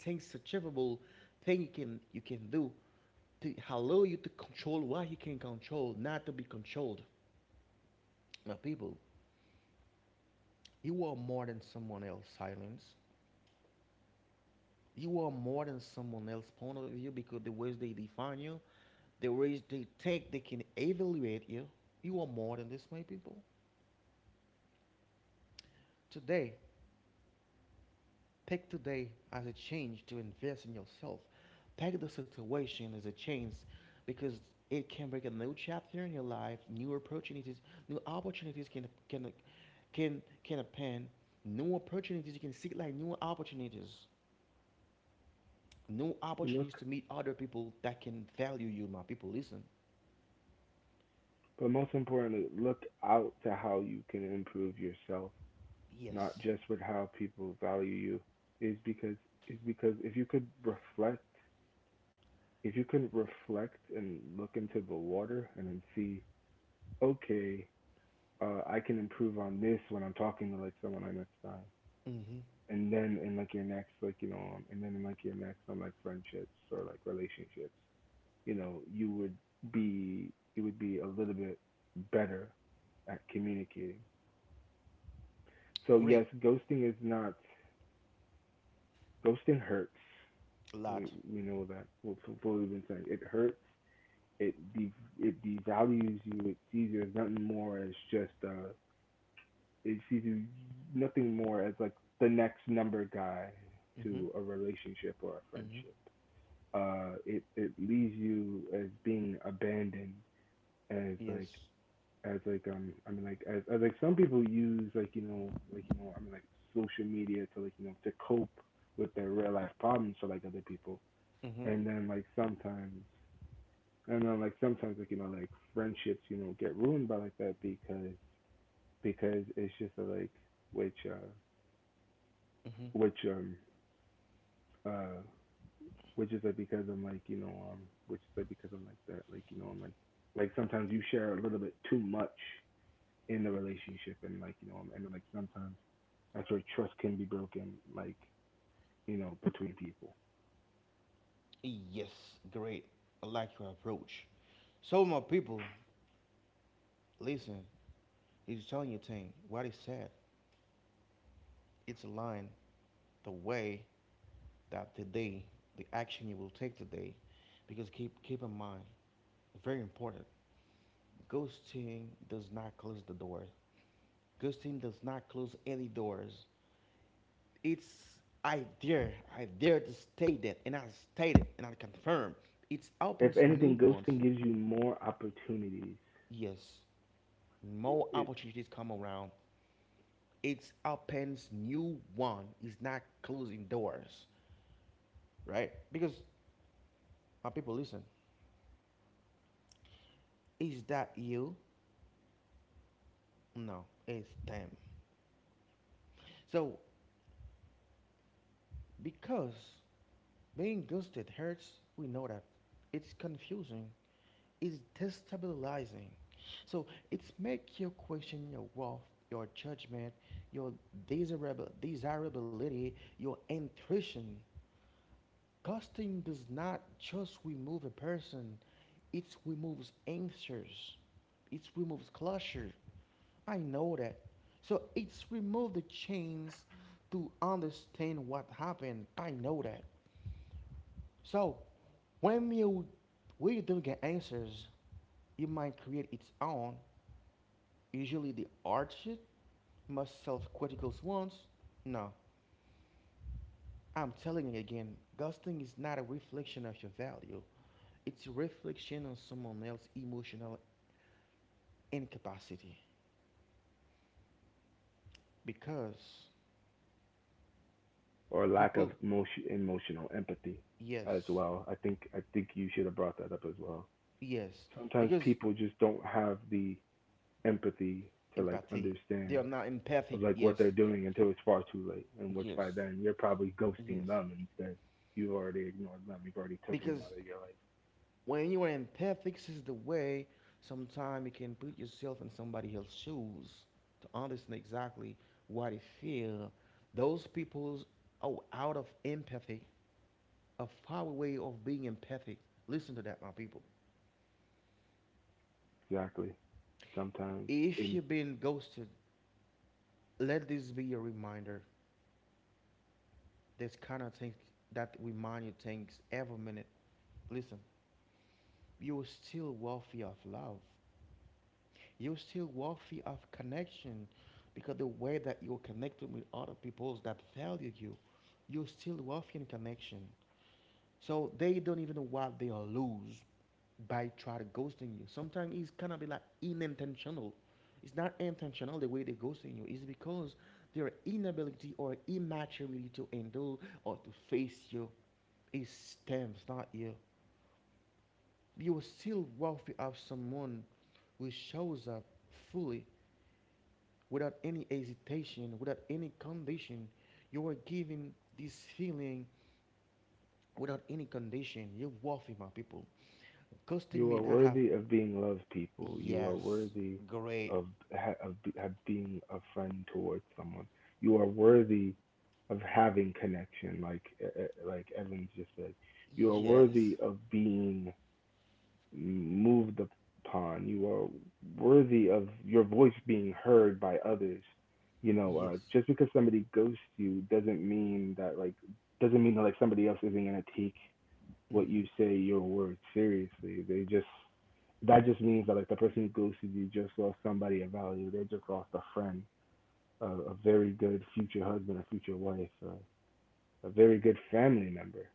Speaker 1: things achievable, thing you can do to allow you to control what you can control, not to be controlled. Now, people, you are more than someone else. Silence. You are more than someone else's point of view because the ways they define you, the ways they think they can evaluate you, you are more than this, my people. Today, take today as a chance to invest in yourself. Take the situation as a chance because it can bring a new chapter in your life, new opportunities can can happen, new opportunities you can seek like new opportunities to
Speaker 2: Look,
Speaker 1: meet other people that can value you, my people. Listen,
Speaker 2: but most importantly, look out to how you can improve yourself not
Speaker 1: yes,
Speaker 2: just with how people value you is because if you could reflect and look into the water and then see okay, I can improve on this when I'm talking to like someone I next time
Speaker 1: mm-hmm,
Speaker 2: and then in like your next like and then in like your next on like friendships or like relationships. You know you would be, you would be a little bit better at communicating. So yes,
Speaker 1: great,
Speaker 2: ghosting is not, ghosting hurts.
Speaker 1: a lot,
Speaker 2: We know that. Well, so what we've been saying, it hurts. It de- it devalues you. It sees you as nothing more as just It sees you nothing more as like the next number guy
Speaker 1: mm-hmm.
Speaker 2: to a relationship or a
Speaker 1: Mm-hmm.
Speaker 2: friendship. It leaves you as being abandoned as
Speaker 1: Yes,
Speaker 2: like as like like as like some people use like like social media to like you know to cope with their real life problems for like other people,
Speaker 1: mm-hmm.
Speaker 2: and then like sometimes like you know like friendships you know get ruined by like that, because it's just like which
Speaker 1: Mm-hmm.
Speaker 2: which um uh which is like because I'm like that like you know I'm like sometimes you share a little bit too much in the relationship and like you know and like sometimes that's where trust can be broken like you know between people.
Speaker 1: Yes, great. I like your approach. So my people, listen, he's telling you thing, what he said, it's aligned the way that today, the action you will take today, because keep in mind, very important, ghosting does not close the door. Ghosting does not close any doors. It's I dare, I dare to state that, and I state it, and I confirm, it
Speaker 2: If
Speaker 1: opens
Speaker 2: anything,
Speaker 1: new ones.
Speaker 2: ghosting gives you more opportunities.
Speaker 1: Yes, more
Speaker 2: it,
Speaker 1: opportunities come around, it opens new one. It's not closing doors, right? Because our people listen. Is that you? No, it's them. So because being ghosted hurts, we know that. It's confusing. It's destabilizing. So it's make you question your worth, your judgment, your desirable desirability, your intuition. Ghosting does not just remove a person, it removes answers, it removes closure. I know that. So it's remove the chains to understand what happened. I know that. So when you when you don't get answers, it might create its own, usually the hardship, most self-critical ones. No, I'm telling you again, ghosting is not a reflection of your value. It's a reflection on someone else's emotional incapacity because
Speaker 2: or lack of
Speaker 1: people,
Speaker 2: emotion, emotional empathy as
Speaker 1: yes,
Speaker 2: well. I think you should have brought that up as well.
Speaker 1: yes,
Speaker 2: Sometimes
Speaker 1: because
Speaker 2: people just don't have the empathy to like
Speaker 1: empathy they
Speaker 2: understand
Speaker 1: are not empathic,
Speaker 2: of like what
Speaker 1: yes,
Speaker 2: they're doing until it's far too late, and which by
Speaker 1: yes,
Speaker 2: then you're probably ghosting
Speaker 1: yes,
Speaker 2: them instead. You already ignored them. You've already taken them
Speaker 1: because
Speaker 2: out of your life.
Speaker 1: when you are empathic this is the way sometimes you can put yourself in somebody else's shoes to understand exactly what they feel, those people are out of empathy, a far way of being empathic, listen to that my people.
Speaker 2: Exactly. Sometimes it.
Speaker 1: If you've been ghosted, let this be your reminder, this kind of things that remind you things every minute. Listen, you're still worthy of love. You're still worthy of connection because the way that you're connected with other people that value you, you're still worthy in connection. So they don't even know what they are lose by trying to ghosting you. Sometimes it's kind of be like unintentional. It's not intentional the way they ghosting you. It's because their inability or immaturity to handle or to face your. It stems, not you. You are still worthy of someone who shows up fully without any hesitation, without any condition. You are giving this feeling without any condition. You're worthy, my people. Ghosting
Speaker 2: You
Speaker 1: may
Speaker 2: are
Speaker 1: not have
Speaker 2: worthy of being loved, people. You are
Speaker 1: yes,
Speaker 2: worthy
Speaker 1: great,
Speaker 2: of of being a friend towards someone. You are worthy of having connection, like Evans just said. You are
Speaker 1: yes,
Speaker 2: worthy of being moved upon. You are worthy of your voice being heard by others. You know,
Speaker 1: yes,
Speaker 2: just because somebody ghosts you doesn't mean that like somebody else isn't gonna take what
Speaker 1: mm-hmm,
Speaker 2: you say your words seriously. They just, that just means that like the person who ghosted you just lost somebody of value. They just lost a friend, a very good future husband, a future wife, a very good family member.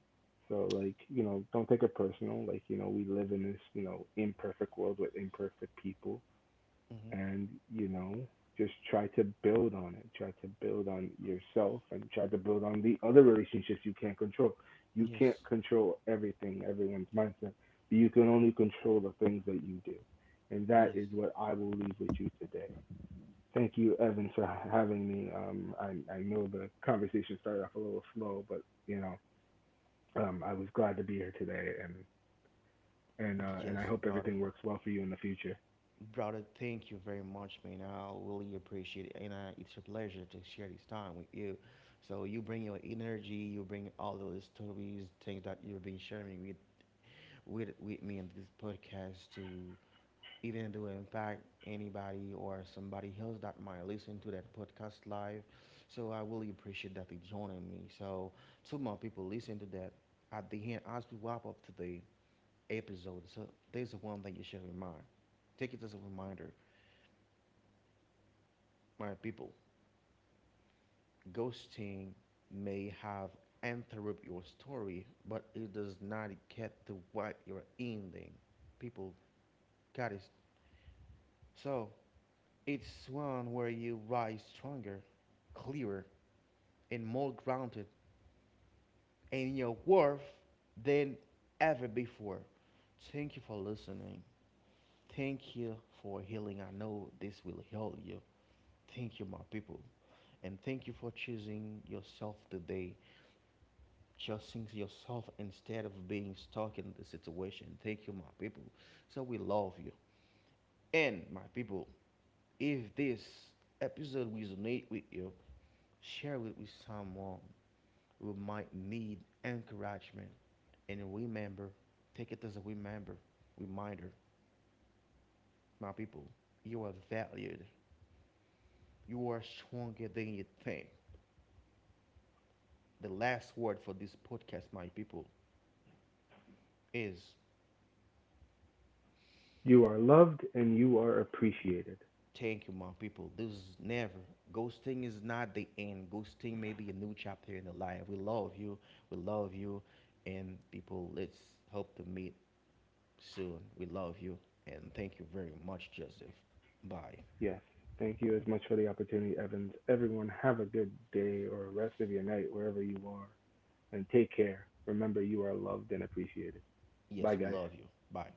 Speaker 2: So like you know, don't take it personal. Like you know, we live in this you know imperfect world with imperfect people,
Speaker 1: mm-hmm,
Speaker 2: and you know just try to build on it, try to build on yourself, and try to build on the other relationships you can't control. You can't
Speaker 1: yes,
Speaker 2: control everything, everyone's mindset, but you can only control the things that you do, and that
Speaker 1: yes,
Speaker 2: is what I will leave with you today. Thank you, Evan, for having me. I know the conversation started off a little slow, but you know I was glad to be here today, and I
Speaker 1: yes,
Speaker 2: hope
Speaker 1: brother.
Speaker 2: everything works well for you in the future.
Speaker 1: Brother, thank you very much, man. I really appreciate it, and it's a pleasure to share this time with you. So you bring your energy, you bring all those stories, things that you've been sharing with with me in this podcast to even to impact anybody or somebody else that might listen to that podcast live. So I really appreciate that you joining me. So two more people listen to that at the end as we wrap up today episode. So there's one thing you should remind. Take it as a reminder my people, ghosting may have interrupt your story, but it does not get to what you're ending. People got it. So it's one where you rise stronger, clearer, and more grounded in your worth than ever before. Thank you for listening. Thank you for healing. I know this will heal you. Thank you, my people. And thank you for choosing yourself today. Just think yourself instead of being stuck in the situation. Thank you, my people. So we love you. And my people, if this episode resonates with you, share it with someone who might need encouragement. And remember, take it as a remember, reminder, my people, you are valued. You are stronger than you think. The last word for this podcast, my people, is
Speaker 2: You are loved and you are appreciated.
Speaker 1: thank you, my people. This is never. Ghosting is not the end. Ghosting may be a new chapter in the life. We love you. We love you. And people, let's hope to meet soon. We love you. And thank you very much, Joseph. Bye.
Speaker 2: Yes. Thank you as much for the opportunity, Evans. Everyone, have a good day or rest of your night wherever you are, and take care. Remember, you are loved and appreciated.
Speaker 1: Yes,
Speaker 2: Bye,
Speaker 1: we
Speaker 2: guys.
Speaker 1: love you. Bye.